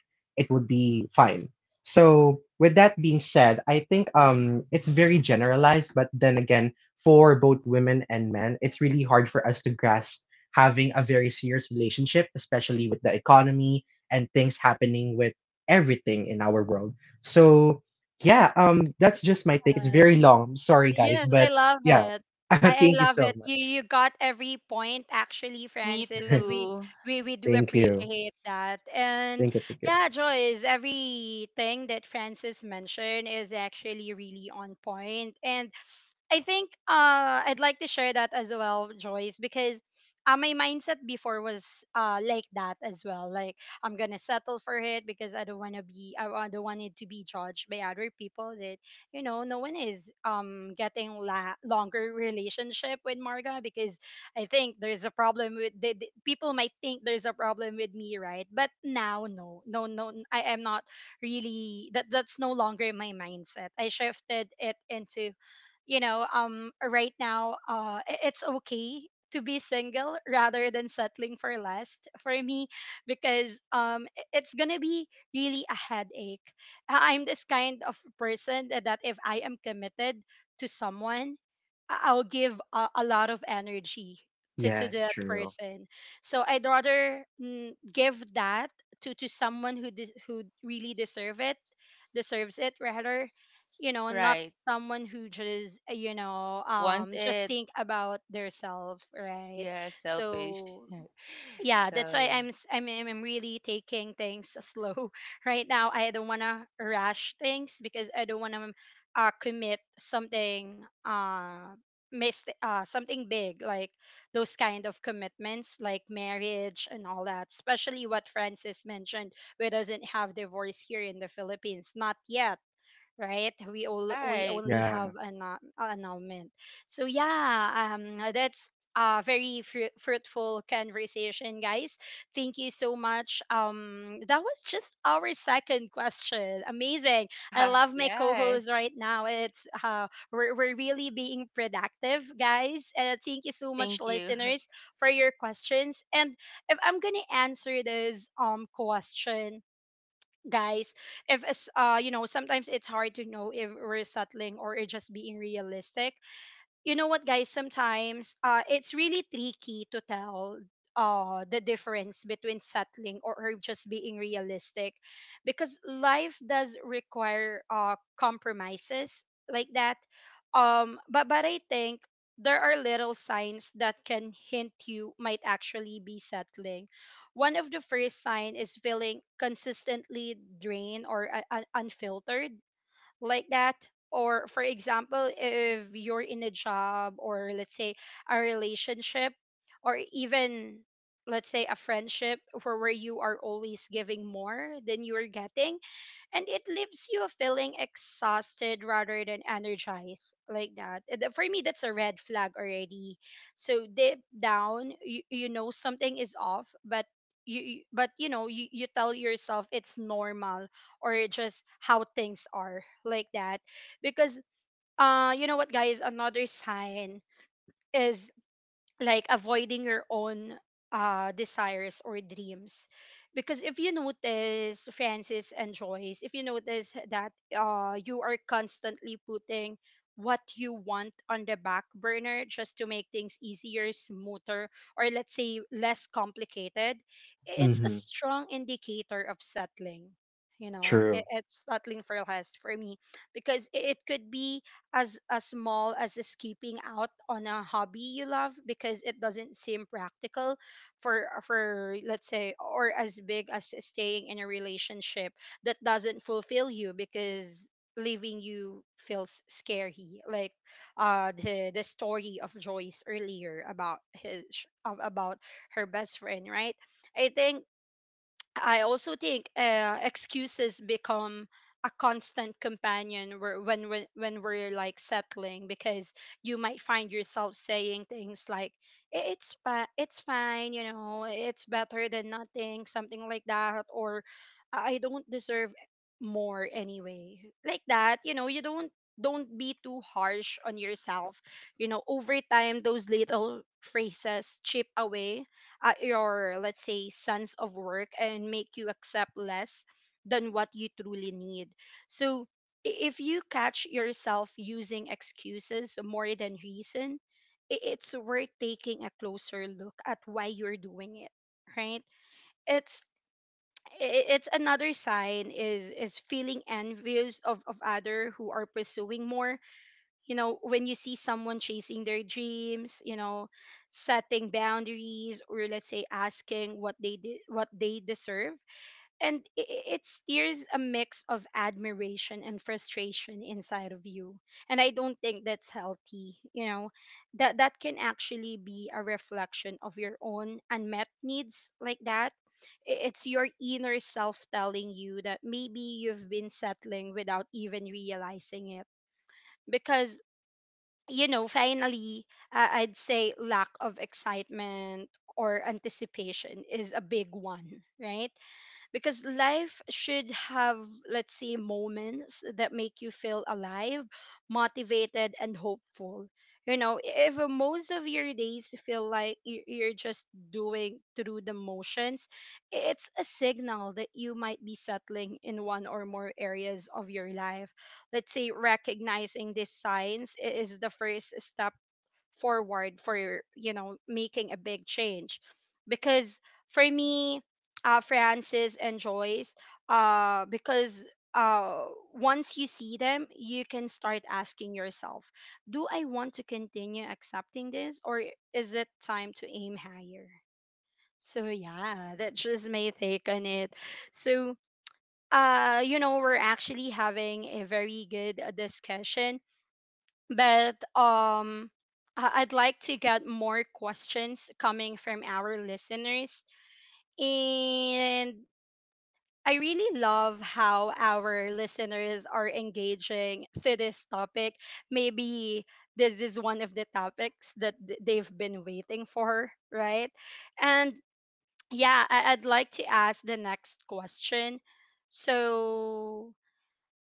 S2: it would be fine. So with that being said, I think it's very generalized, but then again, for both women and men, it's really hard for us to grasp having a very serious relationship, especially with the economy and things happening with everything in our world. So yeah, that's just my take. It's
S1: Yes.
S2: very long. Sorry guys,
S1: Yes, I
S2: but
S1: love
S2: yeah,
S1: it. I
S2: thank you
S1: love it.
S2: so
S1: You
S2: much.
S1: you got every point actually,
S3: Me
S1: Francis, and we
S3: too.
S1: we we do
S2: Thank you.
S1: appreciate that. And
S2: Thank you, thank you.
S1: yeah, Joyce, everything that Francis mentioned is actually really on point. And I think, I'd like to share that as well, Joyce, because, my mindset before was, like that as well. Like, I'm gonna settle for it because I don't want to be, don't want it to be judged by other people. That, you know, no one is getting longer relationship with Marga because I think there's a problem with people might think there's a problem with me, right? But now, no, no, no, I am not really. That, that's no longer my mindset. I shifted it into, you know, right now, it's okay to be single rather than settling for less, for me, because, it's gonna be really a headache. I'm this kind of person that if I am committed to someone, I'll give, a lot of energy to
S2: Yes,
S1: that
S2: true.
S1: person. So I'd rather, mm, give that to someone who who really deserve it, deserves it rather, you know, not
S3: Right.
S1: someone who just, you know,
S3: Want
S1: just
S3: it.
S1: think about their self, right?
S3: Yeah. Selfish.
S1: So yeah,
S3: So
S1: that's why
S3: yeah.
S1: I'm s- I'm really taking things slow right now. I don't want to rush things because I don't want to, commit something, something big, like those kind of commitments like marriage and all that, especially what Francis mentioned, we doesn't have divorce here in the Philippines, not yet, right? We all, we
S3: Right.
S1: only have
S2: Yeah.
S1: an, annulment. So yeah, that's a very fruitful conversation, guys. Thank you so much. That was just our second question. Amazing. I love my co-host
S3: Yes.
S1: right now. It's, we're really being productive, guys. Thank you so much,
S3: Thank you.
S1: listeners, for your questions. And if I'm gonna answer this question, guys, if it's, you know, sometimes it's hard to know if we're settling or it just being realistic. You know what, guys, sometimes, it's really tricky to tell the difference between settling or just being realistic, because life does require compromises, like that. But I think there are little signs that can hint you might actually be settling. One of the first sign is feeling consistently drained or, unfiltered, like that. Or, for example, if you're in a job or, let's say, a relationship, or even, let's say, a friendship where you are always giving more than you're getting, and it leaves you feeling exhausted rather than energized, like that. For me, that's a red flag already. So deep down you know something is off, but you know you tell yourself it's normal, or just how things are, like that. Because, you know what, guys, another sign is like avoiding your own desires or dreams. Because if you notice, Francis and Joyce, if you notice that you are constantly putting what you want on the back burner just to make things easier, smoother, or, let's say, less complicated, it's a
S2: Mm-hmm.
S1: strong indicator of settling. You know,
S2: True.
S1: it's settling for less, for me, because it could be as small as skipping out on a hobby you love because it doesn't seem practical, for, let's say, or as big as staying in a relationship that doesn't fulfill you because leaving you feels scary, like, the story of Joyce earlier about his, about her best friend, right? I think, I also think, excuses become a constant companion when when we're like settling, because you might find yourself saying things like, it's it's fine, you know, it's better than nothing," something like that, or I don't deserve more anyway," like that. You know, you don't be too harsh on yourself. You know, over time, those little phrases chip away your, let's say, sense of work, and make you accept less than what you truly need. So if you catch yourself using excuses more than reason, it's worth taking a closer look at why you're doing it, right? It's, it's another sign is feeling envious of other who are pursuing more. You know, when you see someone chasing their dreams, you know, setting boundaries, or, let's say, asking what what they deserve, and it steers a mix of admiration and frustration inside of you, and I don't think that's healthy. You know, that can actually be a reflection of your own unmet needs, like that. It's your inner self telling you that maybe you've been settling without even realizing it. Because, you know, finally, I'd say lack of excitement or anticipation is a big one, right? Because life should have, let's say, moments that make you feel alive, motivated, and hopeful. You know, if most of your days feel like you're just doing through the motions, it's a signal that you might be settling in one or more areas of your life. Let's say recognizing these signs is the first step forward for, you know, making a big change. Because for me, Francis and Joyce, because uh, once you see them you can start asking yourself, do I want to continue accepting this, or is it time to aim higher? So yeah, that's just my take on it. So, you know, we're actually having a very good discussion, but I'd like to get more questions coming from our listeners. And I really love how our listeners are engaging to this topic. Maybe this is one of the topics that they've been waiting for, right? And yeah, I'd like to ask the next question. So,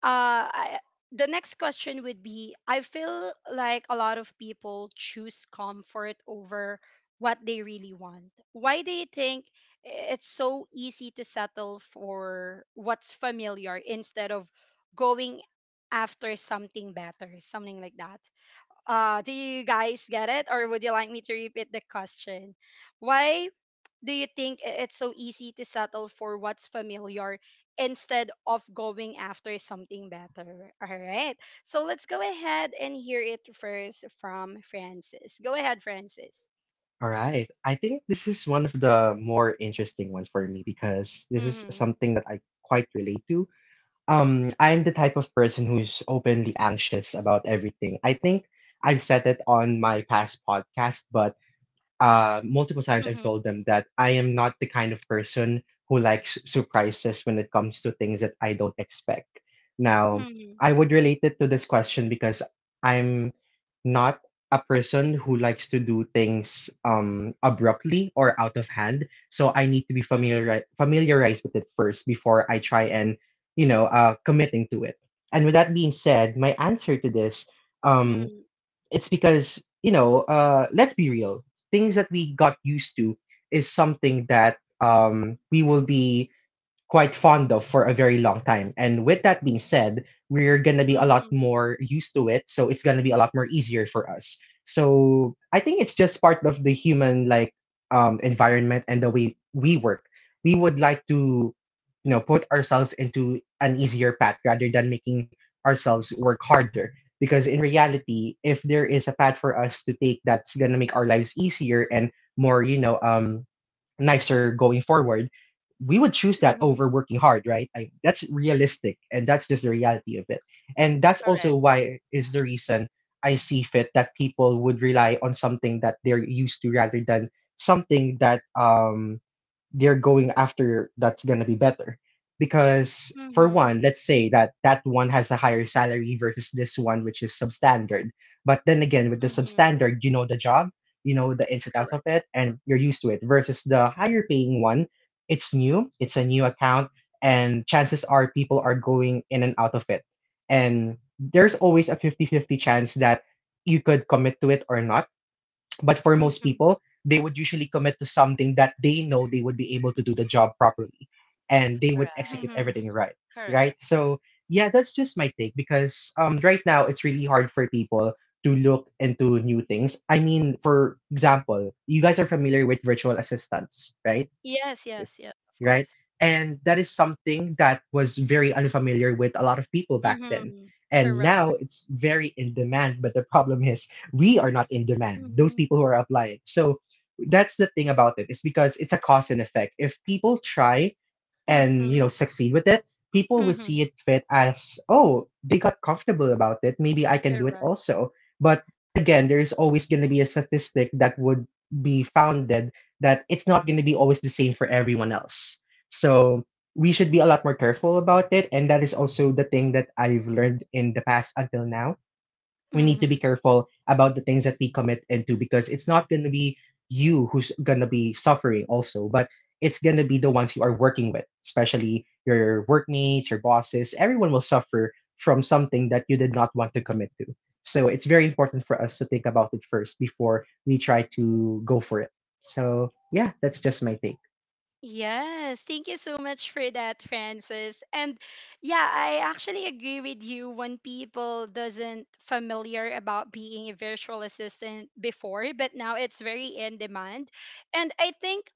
S1: uh, I, the next question would be, I feel like a lot of people choose comfort over what they really want. Why do you think it's so easy to settle for what's familiar instead of going after something better, something like that? Do you guys get it, or would you like me to repeat the question? Why do you think it's so easy to settle for what's familiar instead of going after something better? All right. So let's go ahead and hear it first from Francis. Go ahead, Francis.
S2: All right. I think this is one of the more interesting ones for me because this is
S1: Mhm.
S2: something that I quite relate to. I'm the type of person who's openly anxious about everything. I think I've said it on my past podcast, but multiple times I've
S1: Mhm.
S2: told them that I am not the kind of person who likes surprises when it comes to things that I don't expect. Now,
S1: Mhm.
S2: I would relate it to this question because I'm not a person who likes to do things abruptly or out of hand. So I need to be
S1: Mhm.
S2: familiarized with it first before I try and, committing to it. And with that being said, my answer to this, um,
S1: Mhm.
S2: it's because, you know, let's be real. Things that we got used to is something that we will be quite fond of for a very long time. And with that being said, we're gonna be a lot
S1: Mhm.
S2: more used to it, so it's gonna be a lot more easier for us. So I think it's just part of the human like environment and the way we work. We would like to, you know, put ourselves into an easier path rather than making ourselves work harder. Because in reality, if there is a path for us to take that's gonna make our lives easier and more, nicer going forward, we would choose that
S1: Mhm.
S2: over working hard, right? That's realistic, and that's just the reality of it. And that's also
S3: Correct.
S2: why is the reason I see fit that people would rely on something that they're used to rather than something that they're going after that's going to be better. Because, for one,
S1: Mhm.
S2: let's say that that one has a higher salary versus this one, which is substandard. But then again, with the
S1: Mhm.
S2: substandard, you know the job, you know the ins and outs of
S1: Correct.
S2: it, and you're used to it. Versus the higher paying one, it's new, it's a new account, and chances are people are going in and out of it. And there's always a fifty-fifty chance that you could commit to it or not. But for most
S1: Mhm.
S2: people, they would usually commit to something that they know they would be able to do the job properly and they would
S3: Right.
S2: execute
S1: Mhm.
S2: everything right.
S3: Correct.
S2: Right. So, yeah, that's just my take because right now it's really hard for people to look into new things. I mean, for example, you guys are familiar with virtual assistants, right?
S1: Yes, yes, yes, of
S2: Right?
S1: course.
S2: And that is something that was very unfamiliar with a lot of people back then.
S1: Mhm.
S2: And now
S1: Correct.
S2: it's very in demand, but the problem is we are not in demand, those
S1: Mhm.
S2: people who are applying. So that's the thing about it. It's because it's a cause and effect. If people try and you know
S1: Mhm.
S2: succeed with it, people will see
S1: Mhm.
S2: it fit as, oh, they got comfortable about it. Maybe I can do it
S1: Correct.
S2: also. But again, there is always gonna be a statistic that would be founded that it's not going to be always the same for everyone else. So we should be a lot more careful about it. And that is also the thing that I've learned in the past until now, we need to be
S1: Mhm.
S2: careful about the things that we commit into because it's not going to be you who's going to be suffering also, but it's going to be the ones you are working with, especially your workmates, your bosses, everyone will suffer from something that you did not want to commit to. So it's very important for us to think about it first before we try to go for it. So yeah, that's just my take.
S1: Yes, thank you so much for that, Francis. And yeah, I actually agree with you when people doesn't familiar about being a virtual assistant before, but now it's very in demand. And I think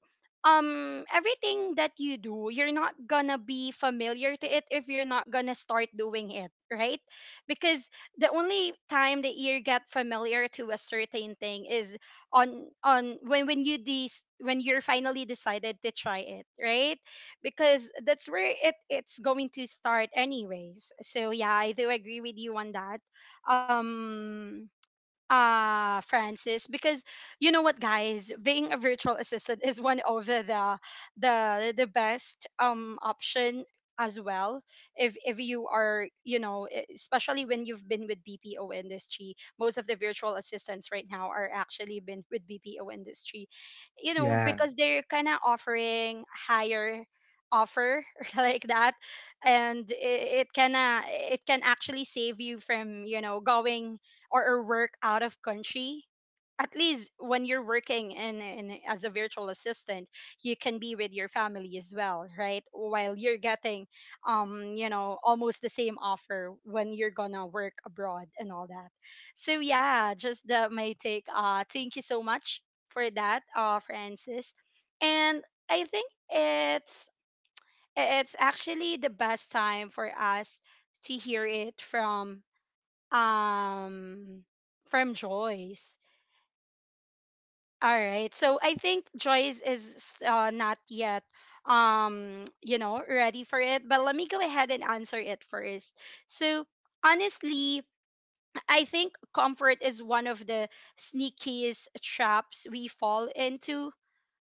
S1: everything that you do, you're not gonna be familiar to it if you're not gonna start doing it, right? Because the only time that you get familiar to a certain thing is on when you these when you're finally decided to try it, right? Because that's where it's going to start anyways. So yeah, I do agree with you on that. um Francis, because you know what guys, being a virtual assistant is one of the best option as well. If you are, you know, especially when you've been with BPO industry, most of the virtual assistants right now are actually been with BPO industry, you know,
S2: Yeah,
S1: because they're kind of offering higher offer like that. And it can actually save you from, you know, going or work out of country. At least when you're working in as a virtual assistant, you can be with your family as well, right, while you're getting you know, almost the same offer when you're gonna work abroad and all that. So yeah, just my take. Thank you so much for that, Francis. And I think it's actually the best time for us to hear it um from Joyce. All right. So I think Joyce is not yet you know ready for it, but let me go ahead and answer it first. So honestly, I think comfort is one of the sneakiest traps we fall into.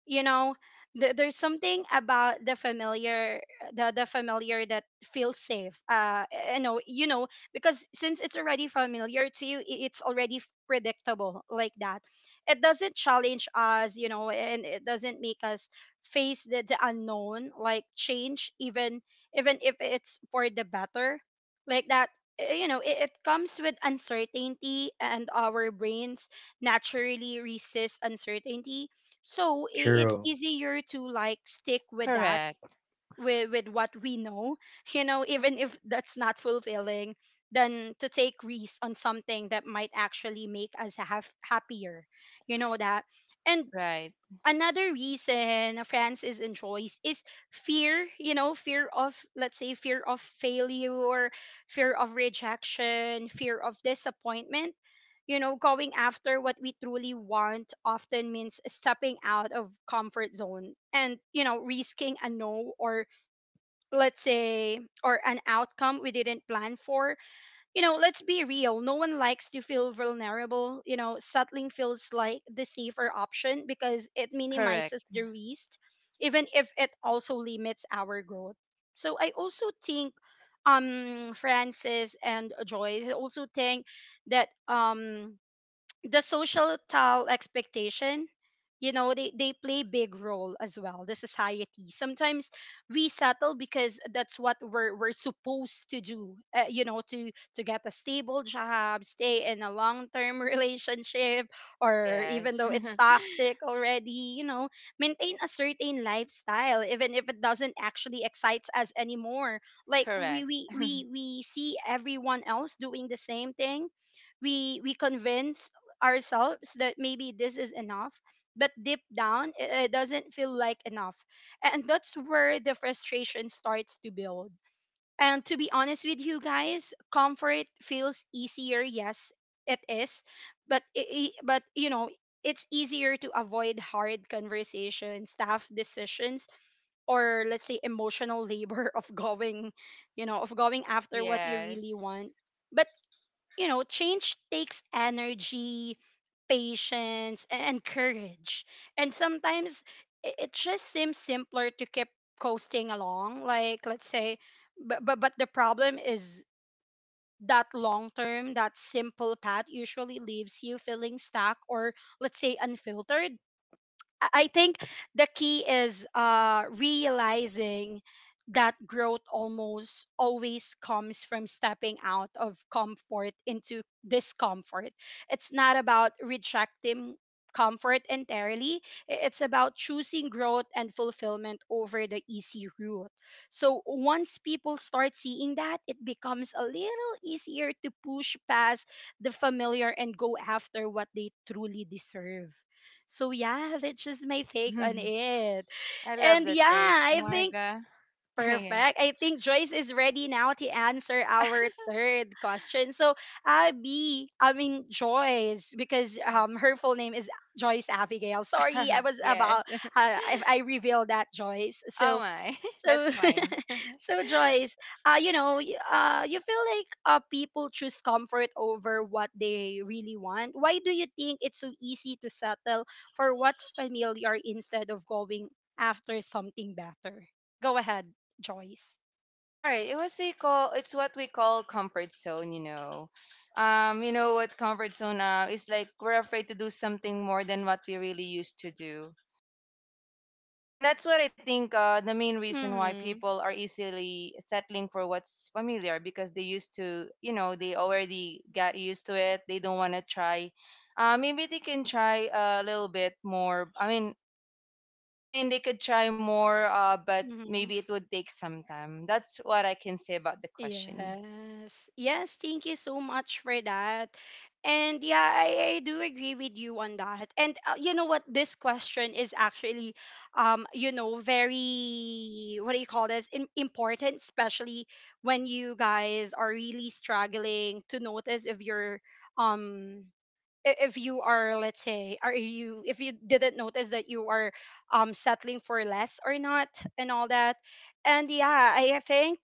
S1: You know, there's something about the familiar, the familiar that feels safe. You know, you know, because since it's already familiar to you, it's already predictable like that. It doesn't challenge us, you know, and it doesn't make us face the unknown like change, even even if it's for the better, like that. Uh, you know, it comes with uncertainty, and our brains naturally resist uncertainty. So it's
S2: true.
S1: easier to like stick with that,
S3: Correct.
S1: with what we know you know, even if that's not fulfilling, than to take risks on something that might actually make us have happier, you know, that. And
S3: Right.
S1: another reason Francis enjoys is fear, you know, fear of, let's say, fear of failure, fear of rejection, fear of disappointment. You know, going after what we truly want often means stepping out of comfort zone and, you know, risking a no or, let's say, or an outcome we didn't plan for. You know, let's be real. No one likes to feel vulnerable. You know, settling feels like the safer option because it
S3: Correct.
S1: minimizes the risk, even if it also limits our growth. So I also think, Francis and Joyce, I also think that the societal expectation, you know, they play big role as well. The society sometimes we settle because that's what we're supposed to do. Uh, you know, to get a stable job, stay in a long-term relationship, or even
S3: Yes.
S1: though it's toxic already, you know, maintain a certain lifestyle even if it doesn't actually excites us anymore. Like
S3: Correct.
S1: we see everyone else doing the same thing. We convince ourselves that maybe this is enough, but deep down it doesn't feel like enough. And that's where the frustration starts to build. And to be honest with you guys, comfort feels easier, yes, it is, but you know, it's easier to avoid hard conversations, tough decisions, or, let's say, emotional labor of going, you know, of going after what you really
S3: Yes.
S1: want. But you know, change takes energy, patience, and courage. And sometimes it just seems simpler to keep coasting along. Like, let's say, but the problem is that long term, that simple path usually leaves you feeling stuck or, let's say, unfiltered. I think the key is realizing that growth almost always comes from stepping out of comfort into discomfort. It's not about rejecting comfort entirely, it's about choosing growth and fulfillment over the easy route. So once people start seeing that, it becomes a little easier to push past the familiar and go after what they truly deserve. So yeah, that's just my take on it.
S3: I love the
S1: And
S3: take,
S1: yeah, I think
S3: Marga. Yeah.
S1: perfect. I think Joyce is ready now to answer our third question. So Abby, I mean Joyce, because her full name is Joyce Abigail. Sorry, I was
S3: Yes.
S1: about if I revealed that, Joyce.
S3: Oh
S1: So
S3: my. That's
S1: so
S3: fine.
S1: so Joyce, you know, you feel like people choose comfort over what they really want. Why do you think it's so easy to settle for what's familiar instead of going after something better? Go ahead, Joyce.
S3: All right. It was we call it's what we call comfort zone, you know. You know what comfort zone is like, we're afraid to do something more than what we really used to do. And that's what I think the main reason why
S1: Mm-hmm.
S3: people are easily settling for what's familiar, because they used to, you know, they already got used to it. They don't want to try. Maybe they can try a little bit more. I mean, they could try more, but maybe it would take some time. That's what I can say about the question.
S1: Yes. Yes, thank you so much for that. And yeah, I do agree with you on that. And you know what? This question is actually, you know, very, what do you call this? Important, especially when you guys are really struggling to notice if you're, um, if you are, let's say, are you if you didn't notice that you are settling for less or not, and all that. And yeah, I think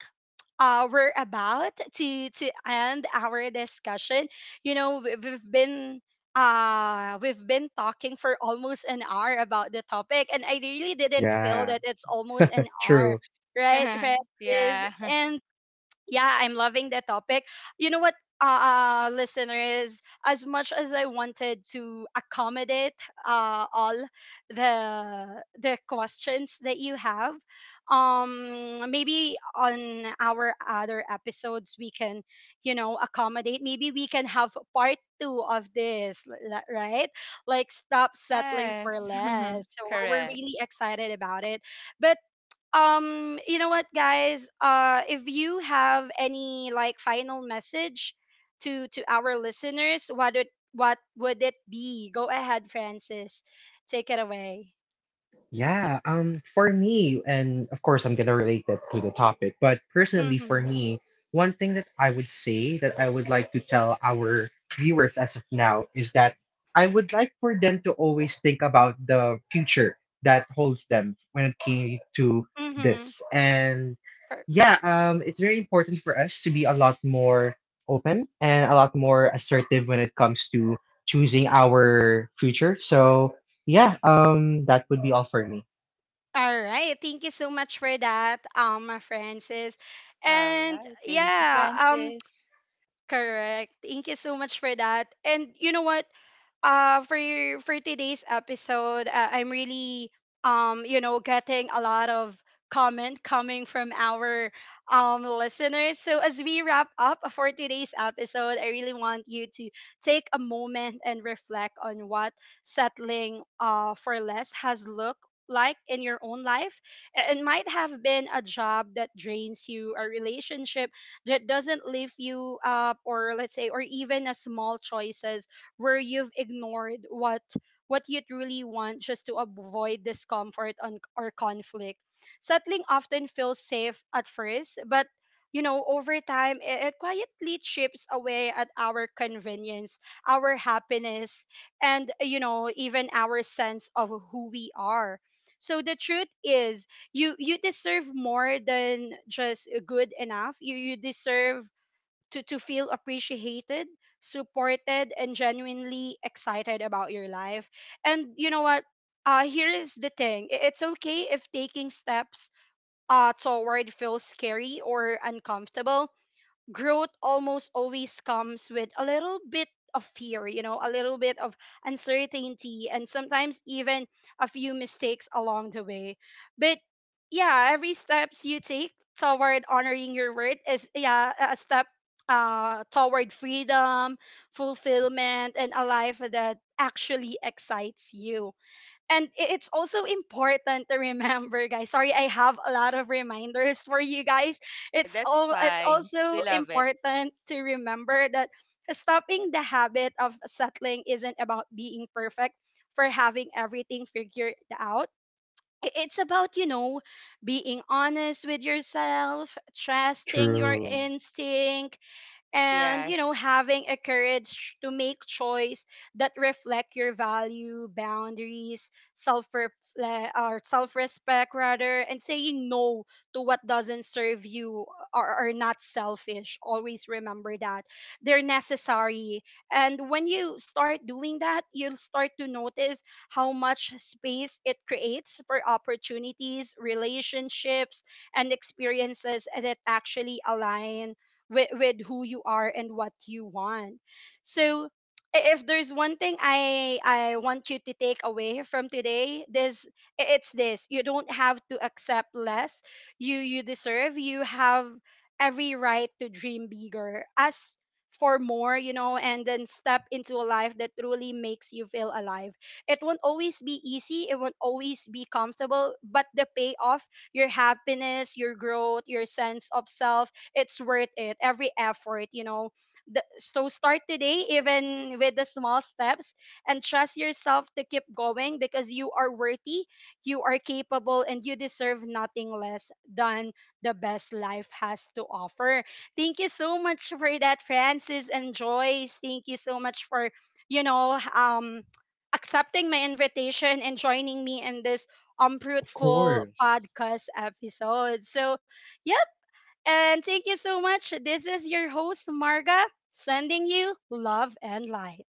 S1: we're about to end our discussion. You know, we've been talking for almost an hour about the topic, and I really didn't feel
S2: Yeah,
S1: that it's almost an hour.
S2: true.
S1: Right, right.
S3: Yeah.
S1: And yeah, I'm loving the topic. You know what, listeners, as much as I wanted to accommodate all the questions that you have, maybe on our other episodes we can, you know, accommodate. Maybe we can have part two of this, right? Like, stop settling for
S3: Yes.
S1: less. So we're
S3: Correct.
S1: really excited about it. But you know what guys, if you have any like final message to our listeners, what would it be? Go ahead, Francis, take it away.
S2: Yeah, for me, and of course, I'm gonna relate that to the topic, but personally, for
S1: Mm-hmm.
S2: me, one thing that I would say that I would like to tell our viewers as of now is that I would like for them to always think about the future that holds them when it came to this.
S1: Mm-hmm.
S2: And yeah, it's very important for us to be a lot more open and a lot more assertive when it comes to choosing our future. So, yeah, that would be all for me.
S1: All right, thank you so much for that, Francis.
S3: All
S1: And
S3: right. Thank you,
S1: yeah,
S3: Francis.
S1: correct, thank you so much for that. And you know what, for for today's episode, I'm really you know getting a lot of comment coming from our listeners. So as we wrap up for today's episode, I really want you to take a moment and reflect on what settling for less has looked like in your own life. It might have been a job that drains you, a relationship that doesn't lift you up, or, let's say, or even a small choices where you've ignored what you truly want just to avoid discomfort on, or conflict. Settling often feels safe at first, but you know, over time, it quietly chips away at our convenience, our happiness, and, you know, even our sense of who we are. So the truth is, you deserve more than just good enough. You deserve to feel appreciated, supported, and genuinely excited about your life. And you know what? Here is the thing. It's okay if taking steps toward feels scary or uncomfortable. Growth almost always comes with a little bit of fear, you know, a little bit of uncertainty, and sometimes even a few mistakes along the way. But yeah, every steps you take toward honoring your word is yeah a step toward freedom, fulfillment, and a life that actually excites you. And it's also important to remember, guys, sorry I have a lot of reminders for you guys.
S3: That's
S1: It's
S3: fine.
S1: also
S3: We love it.
S1: important to remember that stopping the habit of settling isn't about being perfect for having everything figured out. It's about, you know, being honest with yourself, trusting your
S2: True.
S1: instincts, and, you
S3: Yes.
S1: know, having a courage to make choice that reflect your value boundaries self or self-respect rather. And saying no to what doesn't serve you are not selfish, always remember that. They're necessary. And when you start doing that, you'll start to notice how much space it creates for opportunities, relationships, and experiences that actually align with who you are and what you want. So if there's one thing I want you to take away from today, it's this. You don't have to accept less. You deserve. You have every right to dream bigger, ask for more, you know, and then step into a life that truly makes you feel alive. It won't always be easy, it won't always be comfortable, but the payoff, your happiness, your growth, your sense of self, it's worth it every effort, you know. So start today, even with the small steps, and trust yourself to keep going, because you are worthy, you are capable, and you deserve nothing less than the best life has to offer. Thank you so much for that, Francis and Joyce. Thank you so much for, you know, accepting my invitation and joining me in this
S2: Of
S1: fruitful
S2: course.
S1: podcast episode. So yeah, and thank you so much. This is your host, Marga, sending you love and light.